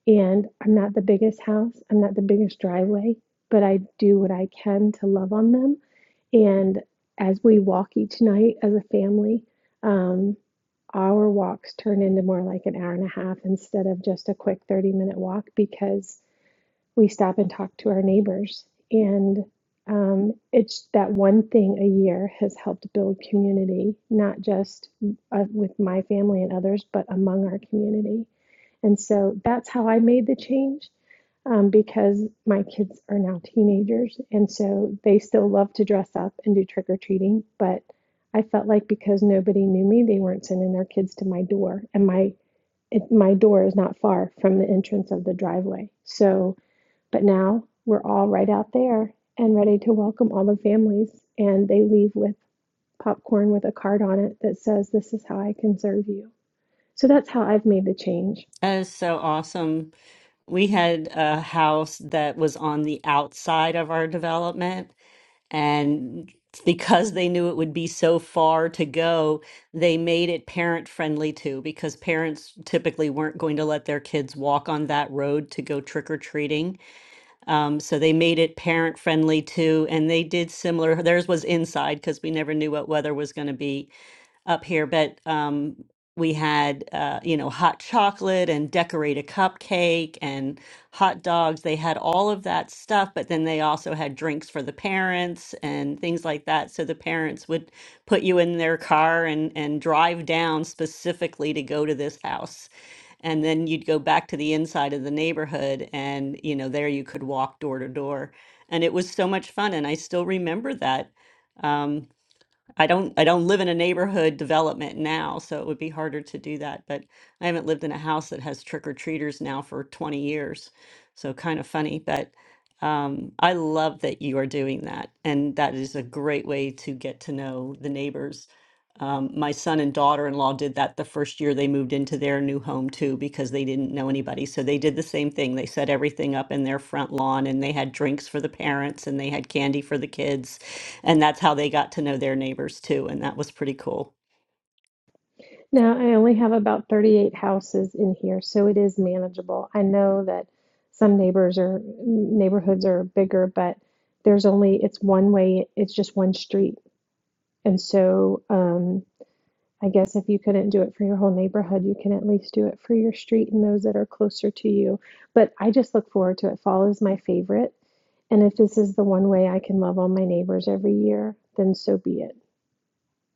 And I'm not the biggest house, I'm not the biggest driveway, but I do what I can to love on them and as we walk each night as a family, um, our walks turn into more like an hour and a half instead of just a quick 30 minute walk because we stop and talk to our neighbors. And um, it's that one thing a year has helped build community, not just uh, with my family and others, but among our community. And so that's how I made the change um, because my kids are now teenagers. And so they still love to dress up and do trick or treating. But I felt like because nobody knew me, they weren't sending their kids to my door. And my, it, my door is not far from the entrance of the driveway. So but now we're all right out there and ready to welcome all the families. And they leave with popcorn with a card on it that says, This is how I can serve you. So that's how I've made the change. That is so awesome. We had a house that was on the outside of our development, and because they knew it would be so far to go, they made it parent friendly too, because parents typically weren't going to let their kids walk on that road to go trick or treating. Um, so they made it parent friendly too, and they did similar. Theirs was inside because we never knew what weather was going to be up here, but um, we had uh, you know hot chocolate and decorate a cupcake and hot dogs. They had all of that stuff, but then they also had drinks for the parents and things like that. So the parents would put you in their car and and drive down specifically to go to this house. And then you'd go back to the inside of the neighborhood, and you know there you could walk door to door, and it was so much fun. And I still remember that. Um, I don't I don't live in a neighborhood development now, so it would be harder to do that. But I haven't lived in a house that has trick-or-treaters now for 20 years. So kind of funny, but um, I love that you are doing that. And that is a great way to get to know the neighbors. Um, my son and daughter-in-law did that the first year they moved into their new home too, because they didn't know anybody. So they did the same thing. They set everything up in their front lawn and they had drinks for the parents and they had candy for the kids and that's how they got to know their neighbors too and that was pretty cool Now, I only have about 38 houses in here, so it is manageable. I know that some neighbors or neighborhoods are bigger, but there's only, it's one way, it's just one street. And so, um, I guess if you couldn't do it for your whole neighborhood, you can at least do it for your street and those that are closer to you. But I just look forward to it. Fall is my favorite. And if this is the one way I can love all my neighbors every year, then so be it.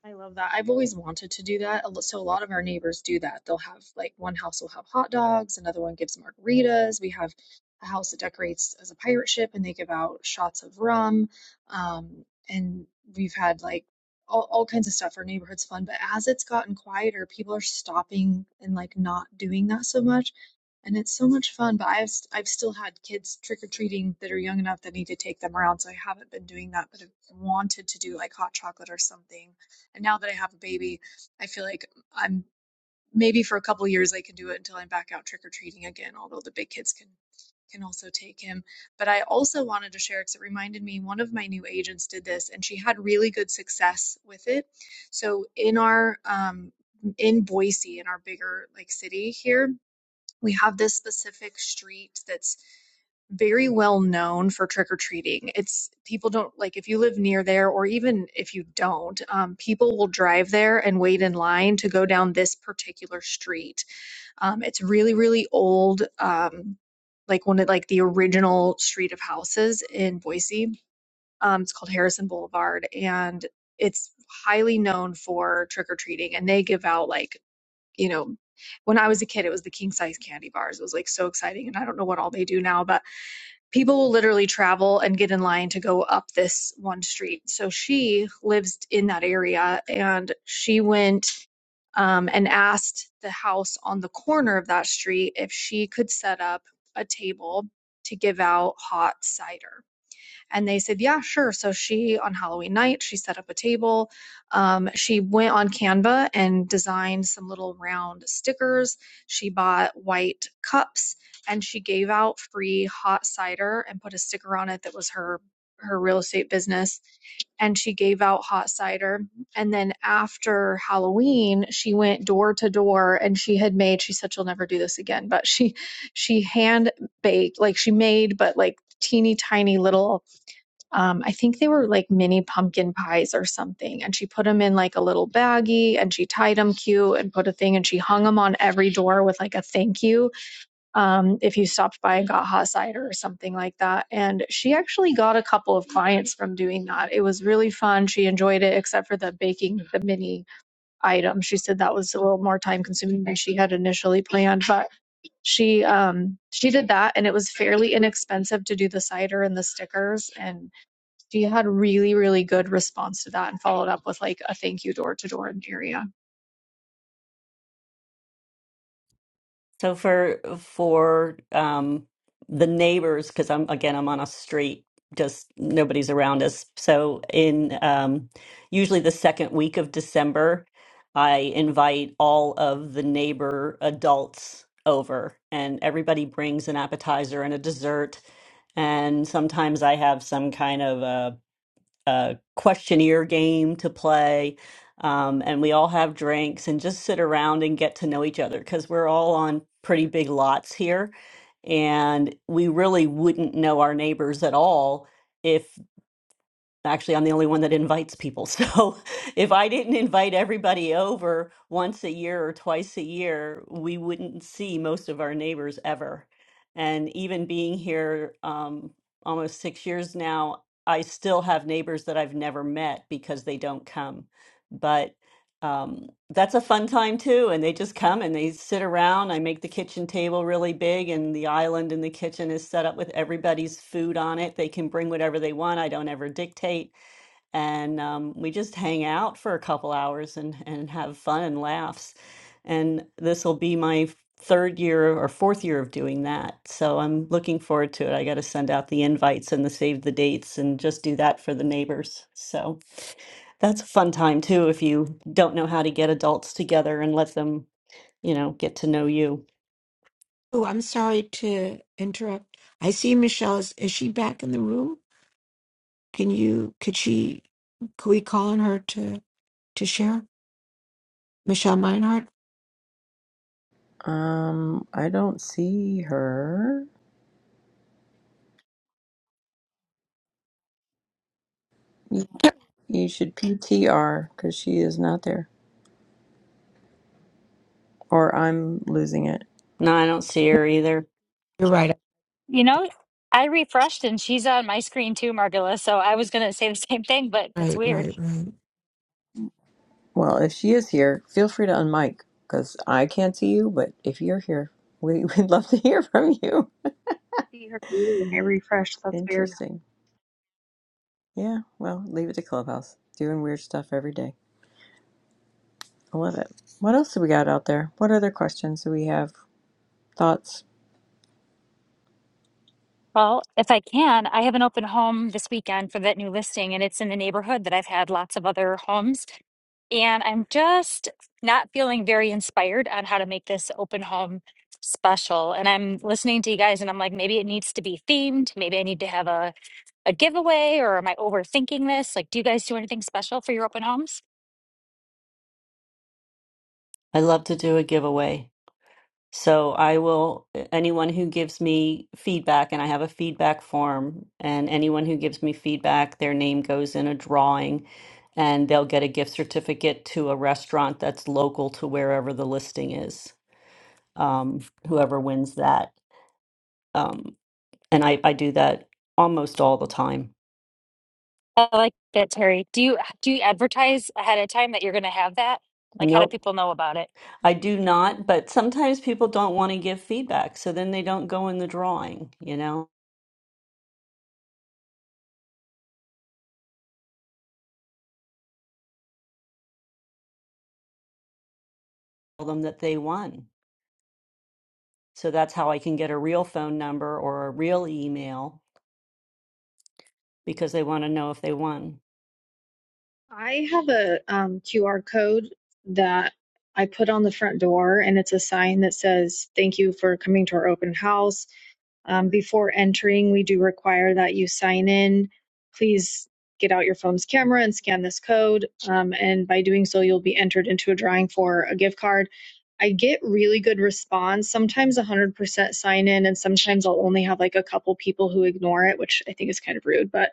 I love that. I've always wanted to do that. A lo- So a lot of our neighbors do that. They'll have like one house will have hot dogs, another one gives margaritas. We have a house that decorates as a pirate ship and they give out shots of rum. Um, and we've had like all, all kinds of stuff. Our neighborhood's fun, but as it's gotten quieter, people are stopping and like not doing that so much. And it's so much fun, but I've s- I've still had kids trick or treating that are young enough that I need to take them around, so I haven't been doing that, but I've wanted to do like hot chocolate or something and now that I have a baby, I feel like I'm maybe for a couple of years I can do it until I'm back out trick or treating again, although the big kids can can also take him. But I also wanted to share because it reminded me one of my new agents did this and she had really good success with it. So in our um in Boise, in our bigger like city here, we have this specific street that's very well known for trick or treating. It's people don't like if you live near there, or even if you don't, um, people will drive there and wait in line to go down this particular street. Um, it's really, really old, um, like one of like the original street of houses in Boise. Um, it's called Harrison Boulevard, and it's highly known for trick or treating. And they give out like you know, when I was a kid, it was the king size candy bars. It was like so exciting. And I don't know what all they do now, but people will literally travel and get in line to go up this one street. So she lives in that area and she went um, and asked the house on the corner of that street if she could set up a table to give out hot cider and they said, yeah, sure. So she, on Halloween night, she set up a table. Um, she went on Canva and designed some little round stickers. She bought white cups and she gave out free hot cider and put a sticker on it that was her her real estate business and she gave out hot cider. And then after Halloween, she went door to door and she had made, she said she'll never do this again, but she she hand baked, like she made, but like teeny tiny little um, I think they were like mini pumpkin pies or something. And she put them in like a little baggie and she tied them cute and put a thing and she hung them on every door with like a thank you um, if you stopped by and got hot cider or something like that. And she actually got a couple of clients from doing that. It was really fun. She enjoyed it, except for the baking the mini item. She said that was a little more time consuming than she had initially planned, but she um she did that and it was fairly inexpensive to do the cider and the stickers and she had really really good response to that and followed up with like a thank you door to door in the area so for for um the neighbors because i'm again i'm on a street just nobody's around us so in um usually the second week of december i invite all of the neighbor adults over and everybody brings an appetizer and a dessert and sometimes i have some kind of a a questionnaire game to play. Um, and we all have drinks and just sit around and get to know each other because we're all on pretty big lots here. And we really wouldn't know our neighbors at all Actually, I'm the only one that invites people. So if I didn't invite everybody over once a year or twice a year, we wouldn't see most of our neighbors ever. And even being here um, almost six years now, I still have neighbors that I've never met because they don't come. But um, that's a fun time too. And they just come and they sit around. I make the kitchen table really big, and the island in the kitchen is set up with everybody's food on it. They can bring whatever they want. I don't ever dictate, and um, we just hang out for a couple hours and and have fun and laughs. And this will be my third year or fourth year of doing that. So I'm looking forward to it. I got to send out the invites and the save the dates and just do that for the neighbors. So. That's a fun time too if you don't know how to get adults together and let them, you know, get to know you. oh i'm sorry to interrupt i see michelle is, is she back in the room can you could she could we call on her to to share michelle meinhardt Um, I don't see her. You, you should PTR because she is not there, or I'm losing it. No, I don't see her either. you're right You know, I refreshed and she's on my screen too, Margula. So I was going to say the same thing, but it's right weird. right right Well, if she is here, feel free to unmic because I can't see you. But if you're here, we, we'd love to hear from you. See her name when I refresh. That's weird. Interesting. Yeah. Well, leave it to Clubhouse. Doing weird stuff every day. I love it. What else do we got out there? What other questions do we have? Thoughts? Well, if I can, I have an open home this weekend for that new listing, and it's in the neighborhood that I've had lots of other homes. and I'm just not feeling very inspired on how to make this open home special. And I'm listening to you guys, and I'm like, maybe it needs to be themed. Maybe I need to have a, a giveaway, or am I overthinking this? Like, do you guys do anything special for your open homes? I love to do a giveaway. So I will, anyone who gives me feedback, and I have a feedback form, and anyone who gives me feedback, their name goes in a drawing and they'll get a gift certificate to a restaurant that's local to wherever the listing is. Um, whoever wins that. Um, and I, I do that almost all the time. I like that, Terry. Do you do you advertise ahead of time that you're going to have that? Like, how Nope. do people know about it? I do not, but sometimes people don't want to give feedback, so then they don't go in the drawing, you know, tell them that they won. So that's how I can get a real phone number or a real email because they want to know if they won. i have a um, qr code that i put on the front door and it's a sign that says thank you for coming to our open house Um, before entering, we do require that you sign in. Please get out your phone's camera and scan this code. Um, and by doing so, you'll be entered into a drawing for a gift card. I get really good response, sometimes 100% sign in, and sometimes I'll only have like a couple people who ignore it, which I think is kind of rude. But,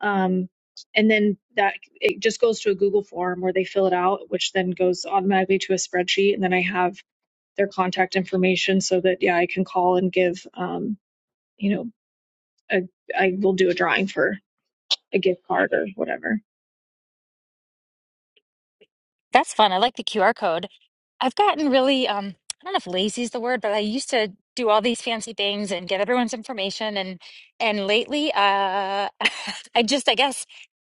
um, and then that it just goes to a Google form where they fill it out, which then goes automatically to a spreadsheet. And then I have their contact information so that, yeah, I can call and give, um, you know a, I will do a drawing for a gift card or whatever. That's fun. I like the QR code. I've gotten really, um, I don't know if lazy is the word, but I used to do all these fancy things and get everyone's information and and lately uh I just I guess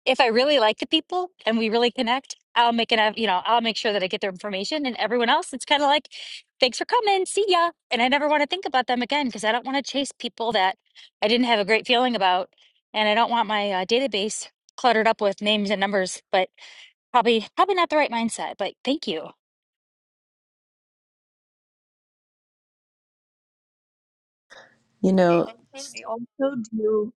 if I really like the people and we really connect, I'll make an eff- you know, I'll make sure that I get their information and everyone else it's kind of like thanks for coming, see ya. And I never want to think about them again because I don't want to chase people that I didn't have a great feeling about and I don't want my uh, database cluttered up with names and numbers, but probably probably not the right mindset, but thank you. You know. I also do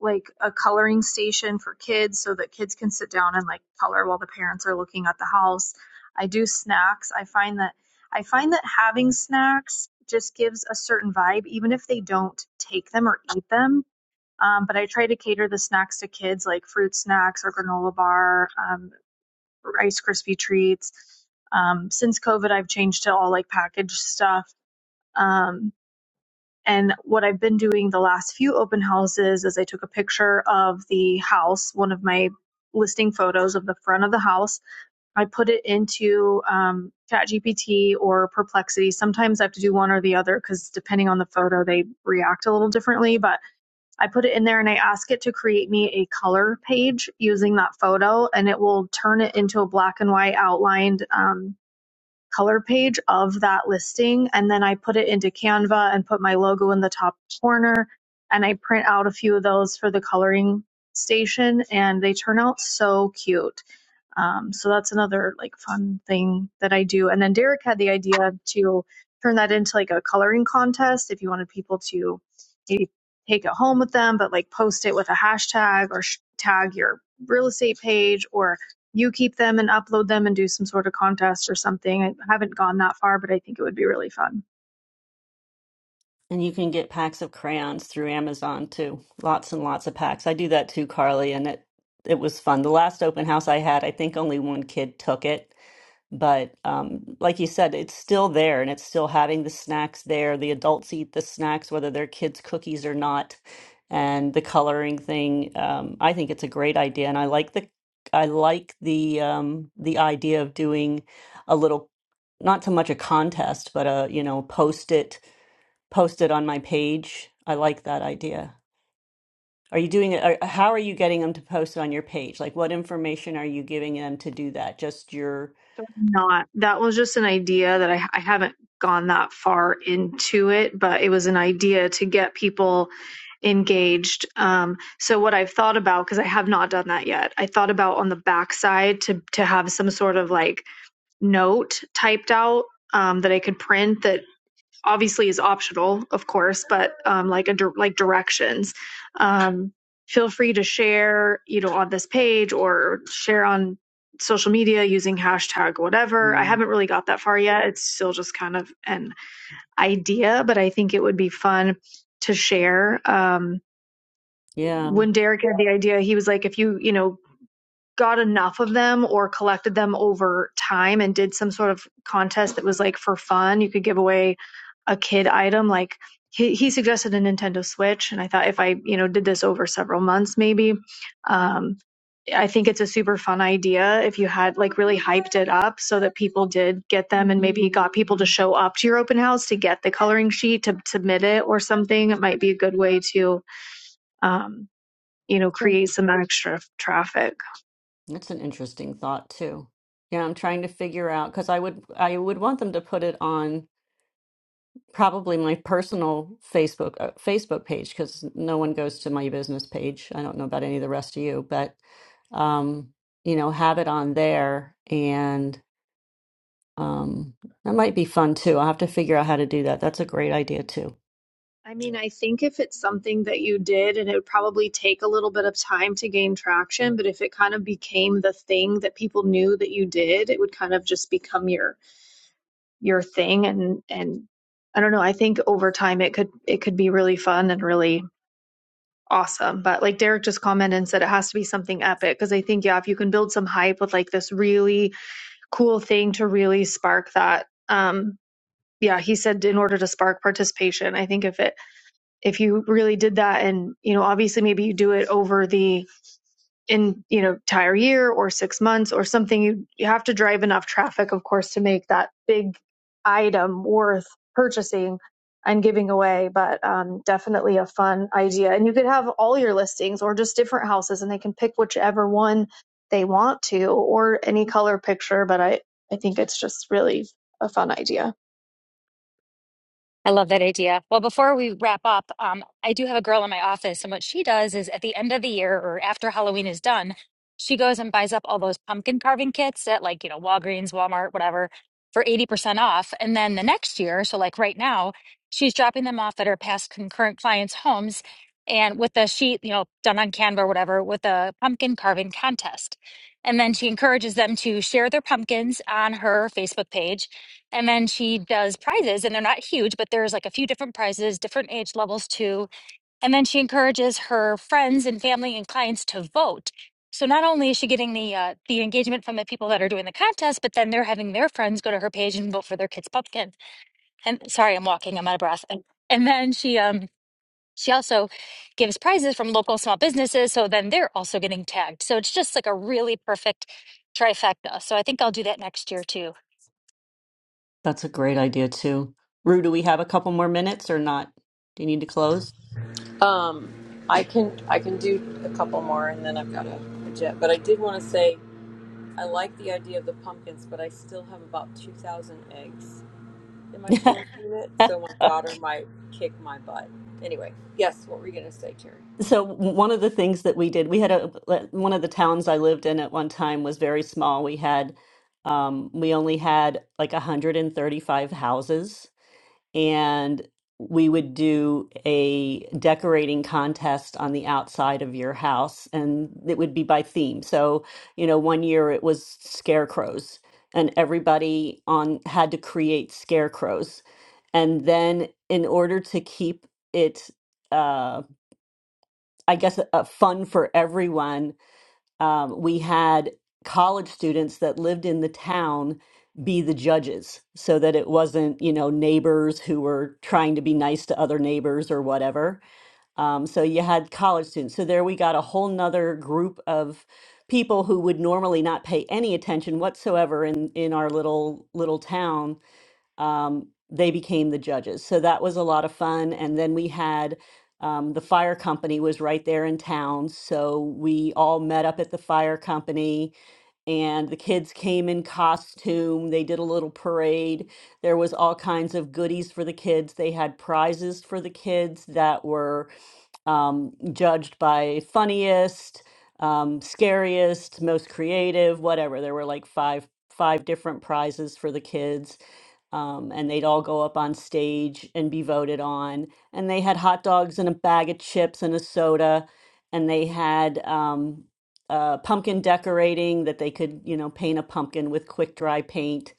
like a coloring station for kids so that kids can sit down and like color while the parents are looking at the house. I do snacks. I find that I find that having snacks just gives a certain vibe, even if they don't take them or eat them. Um, but I try to cater the snacks to kids, like fruit snacks or granola bar, um, Rice Krispie treats. Um, since COVID, I've changed to all like packaged stuff. Um, And what I've been doing the last few open houses is I took a picture of the house, one of my listing photos of the front of the house. I put it into um, ChatGPT or Perplexity. Sometimes I have to do one or the other because depending on the photo, they react a little differently. But I put it in there and I ask it to create me a color page using that photo, and it will turn it into a black and white outlined. Um, color page of that listing. And then I put it into Canva and put my logo in the top corner. And I print out a few of those for the coloring station, and they turn out so cute. Um, so that's another like fun thing that I do. And then Derek had the idea to turn that into like a coloring contest if you wanted people to maybe take it home with them, but like post it with a hashtag or sh- tag your real estate page or you keep them and upload them and do some sort of contest or something. I haven't gone that far, but I think it would be really fun. And you can get packs of crayons through Amazon too. Lots and lots of packs. I do that too, Carly, and it it was fun. The last open house I had, I think only one kid took it, but um, like you said, it's still there and it's still having the snacks there. The adults eat the snacks, whether they're kids' cookies or not. And the coloring thing, um, I think it's a great idea, and I like the I like the um, the idea of doing a little, not so much a contest, but a you know post it post it on my page. I like that idea. Are you doing it? Are, how are you getting them to post it on your page? Like, what information are you giving them to do that? Just your, So I'm not. That was just an idea that I, I haven't gone that far into it, but it was an idea to get people engaged. Um, so what I've thought about, because I have not done that yet, I thought about on the backside to to have some sort of like note typed out um, that I could print that obviously is optional, of course, but um, like a dir- like directions. Um, feel free to share, you know, on this page or share on social media using hashtag whatever. I Mm. haven't really got that far yet. It's still just kind of an idea, but I think it would be fun to share. Um, yeah, when Derek had the idea, he was like, if you, you know, got enough of them or collected them over time and did some sort of contest that was like for fun. You could give away a kid item. Like he, he suggested a Nintendo Switch, and I thought if I you know did this over several months, maybe. Um, I think it's a super fun idea if you had like really hyped it up so that people did get them and maybe got people to show up to your open house to get the coloring sheet to submit it or something. It might be a good way to um, you know create some extra traffic. that's an interesting thought too. Yeah, I'm trying to figure out because I would I would want them to put it on probably my personal Facebook uh, Facebook page because no one goes to my business page. I don't know about any of the rest of you, but um, you know, have it on there and. Um, that might be fun too. I'll have to figure out how to do that. That's a great idea too. I mean, I think if it's something that you did and it would probably take a little bit of time to gain traction, but if it kind of became the thing that people knew that you did, it would kind of just become your your thing and and I don't know, I think over time it could it could be really fun and really awesome. But like Derek just commented and said it has to be something epic because I think yeah, if you can build some hype with like this really cool thing to really spark that um yeah, he said in order to spark participation, I think if it if you really did that and you know obviously maybe you do it over the in you know entire year or six months or something you, you have to drive enough traffic of course to make that big item worth purchasing and giving away but um, definitely a fun idea and you could have all your listings or just different houses and they can pick whichever one they want to or any color picture but i i think it's just really a fun idea I love that idea. Well, before we wrap up, um, I do have a girl in my office, and what she does is at the end of the year or after Halloween is done, she goes and buys up all those pumpkin carving kits at like, you know, Walgreens, Walmart, whatever, for 80% off. And then the next year, so like right now, she's dropping them off at her past concurrent clients' homes and with a sheet, you know, done on Canva or whatever, with a pumpkin carving contest. And then she encourages them to share their pumpkins on her Facebook page and then she does prizes, and they're not huge, but there's like a few different prizes, different age levels too. And then she encourages her friends and family and clients to vote. So not only is she getting the uh, the engagement from the people that are doing the contest, but then they're having their friends go to her page and vote for their kid's pumpkin. And sorry, I'm walking, I'm out of breath. And, and then she um she also gives prizes from local small businesses, so then they're also getting tagged. So it's just like a really perfect trifecta. So I think I'll do that next year too. That's a great idea too. Rue, do we have a couple more minutes or not? Do you need to close? Um, I can I can do a couple more, and then I've got a, a jet. But I did want to say I like the idea of the pumpkins, but I still have about two thousand eggs in my storage unit, so my daughter might kick my butt. Anyway, yes, what were you gonna say, Terry? So one of the things that we did, we had a one of the towns I lived in at one time was very small. We had um, we only had like 135 houses and we would do a decorating contest on the outside of your house and it would be by theme so you know one year it was scarecrows and everybody on had to create scarecrows and then in order to keep it uh i guess uh, fun for everyone um, we had college students that lived in the town be the judges so that it wasn't, you know, neighbors who were trying to be nice to other neighbors or whatever. Um, so you had college students. So there we got a whole nother group of people who would normally not pay any attention whatsoever in in our little little town um, they became the judges. So that was a lot of fun. And then we had um, the fire company was right there in town, so we all met up at the fire company, and the kids came in costume. They did a little parade. There was all kinds of goodies for the kids. They had prizes for the kids that were um, judged by funniest, um, scariest, most creative, whatever. There were like five five different prizes for the kids. Um, and they'd all go up on stage and be voted on. And they had hot dogs and a bag of chips and a soda. And they had um, uh, pumpkin decorating that they could, you know, paint a pumpkin with quick dry paint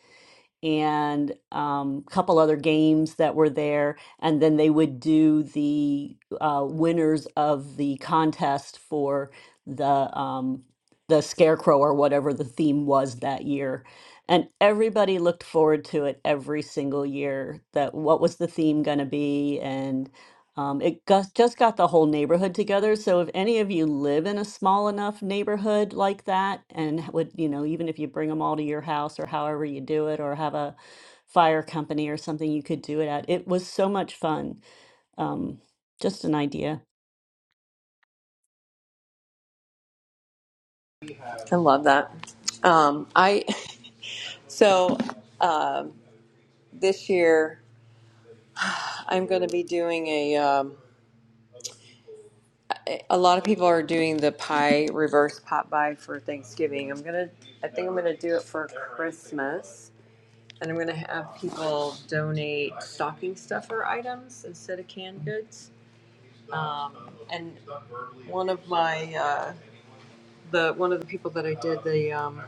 and a couple other games that were there. And then they would do the uh, winners of the contest for the um, the scarecrow or whatever the theme was that year. And everybody looked forward to it every single year. That what was the theme going to be, and. Um, it gus- just got the whole neighborhood together. So if any of you live in a small enough neighborhood like that, and h- would, you know, even if you bring them all to your house or however you do it, or have a fire company or something you could do it at, it was so much fun. Um, just an idea. I love that. Um, I so um this year I'm going to be doing a. Um, a a lot of people are doing the pie reverse pot pie for Thanksgiving. I'm gonna, I think I'm gonna do it for Christmas And I'm gonna have people donate stocking stuffer items instead of canned goods. Um, and one of my uh, the one of the people that I did the um,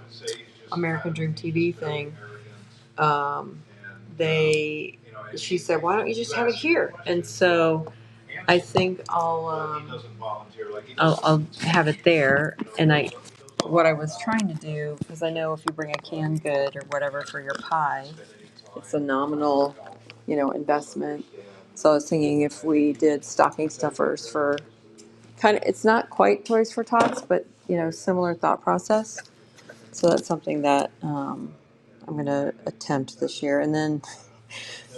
American Dream TV thing, um, they she said, "Why don't you just have it here?" And so I think I'll um, I'll, I'll have it there. And I what I was trying to do because I know if you bring a canned good or whatever for your pie It's a nominal, you know, investment. So I was thinking if we did stocking stuffers for kind of, it's not quite Toys for Tots, but you know, similar thought process. So that's something that um, I'm going to attempt this year. And then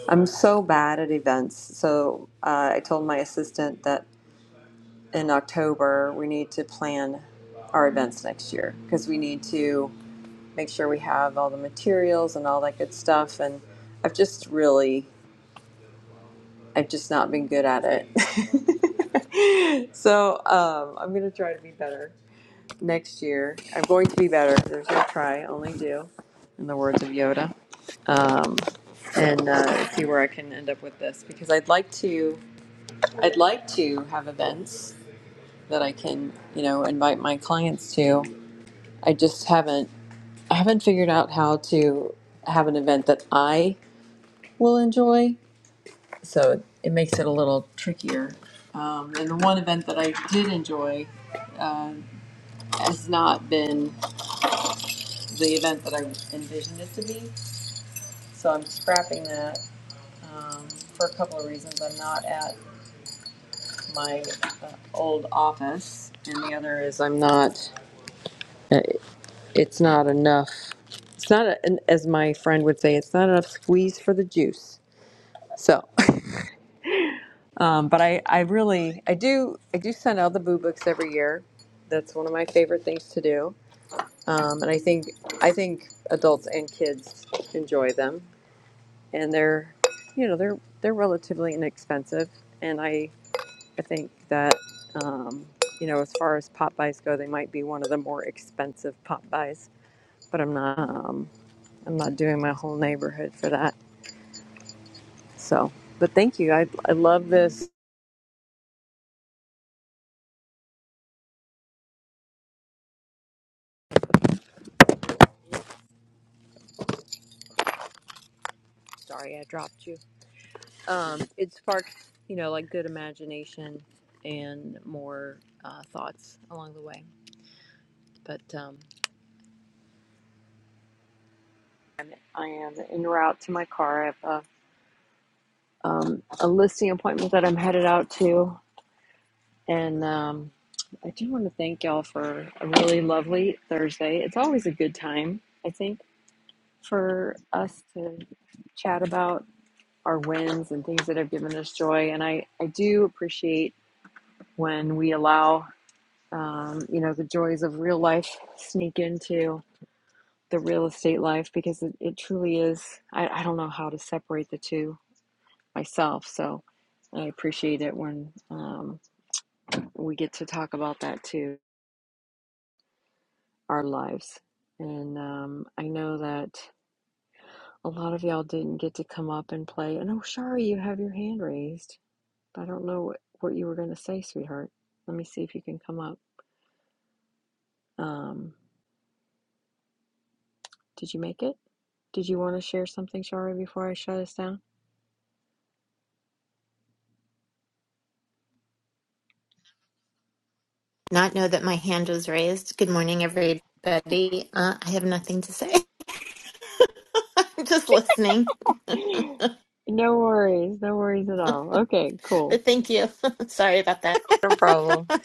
I'm so bad at events. So uh, I told my assistant that in October we need to plan our events next year because we need to make sure we have all the materials and all that good stuff. And I've just really I've just not been good at it. so um, I'm going to try to be better next year. I'm going to be better. There's no try, only do, in the words of Yoda. Um, and uh, see where I can end up with this because I'd like to. I'd like to have events that I can, you know, invite my clients to. I just haven't. I haven't figured out how to have an event that I will enjoy so it, it makes it a little trickier. Um, and the one event that I did enjoy uh, has not been the event that I envisioned it to be, so I'm scrapping that um, for a couple of reasons. I'm not at my uh, old office, and the other is I'm not. uh, It's not enough. It's not, a, as my friend would say, it's not enough squeeze for the juice. So Um, but I, I really, I do, I do send out the boo books every year. That's one of my favorite things to do. Um, and I think, I think adults and kids enjoy them, and they're, you know, they're they're relatively inexpensive. And I, I think that, um, you know, as far as pop buys go, they might be one of the more expensive pop buys. But I'm not, um, I'm not doing my whole neighborhood for that. So, but thank you. I, I love this. Sorry, I dropped you. um, it sparks, you know, like good imagination and more uh, thoughts along the way. But um, I am en route to my car. I have a, um, a listing appointment that I'm headed out to. And um, I do want to thank y'all for a really lovely Thursday. It's always a good time, I think, for us to chat about our wins and things that have given us joy. And I, I do appreciate when we allow um, you know, the joys of real life sneak into the real estate life because it, it truly is. I, I don't know how to separate the two myself. So I appreciate it when um, we get to talk about that too, our lives. And um, I know that a lot of y'all didn't get to come up and play. And oh, sorry, you have your hand raised. I don't know what, what you were going to say, sweetheart. Let me see if you can come up. Um, Did you make it? Did you want to share something, Shari, before I shut us down? not know that my hand was raised. Good morning, everybody. Uh, I have nothing to say. I'm just listening, No worries, no worries at all. Okay, cool. but thank you. Sorry about No problem. that.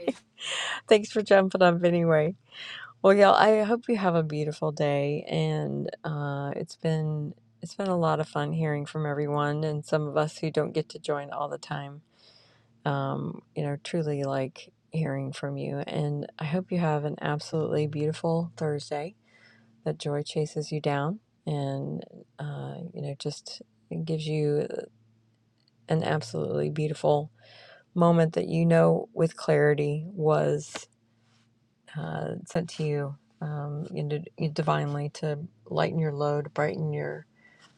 Thanks for jumping up anyway. Well, y'all, I hope you have a beautiful day, and uh, it's been it's been a lot of fun hearing from everyone, and some of us who don't get to join all the time. Um, you know, truly like hearing from you, and I hope you have an absolutely beautiful Thursday. that joy chases you down and uh, you know just gives you an absolutely beautiful moment that you know with clarity was uh, sent to you um, divinely to lighten your load brighten your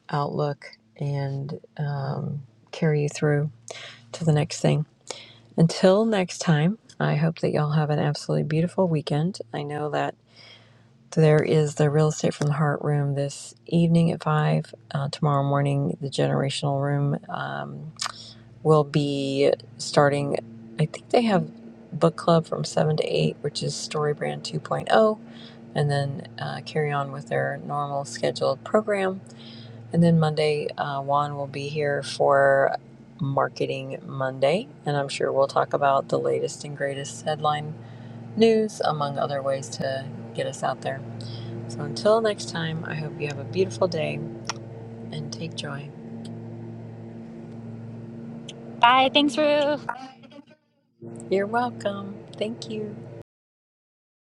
outlook and um, carry you through to the next thing until next time i hope that y'all have an absolutely beautiful weekend i know that So there is the real estate from the heart room this evening at five. Uh, tomorrow morning, the generational room um, will be starting. I think they have book club from seven to eight, which is Story Brand 2.0, and then uh, carry on with their normal scheduled program. And then Monday, uh, Juan will be here for Marketing Monday, and I'm sure we'll talk about the latest and greatest headline news, among other ways to get us out there. So until next time, I hope you have a beautiful day and take joy. Bye. Thanks, Rue. You're welcome. Thank you.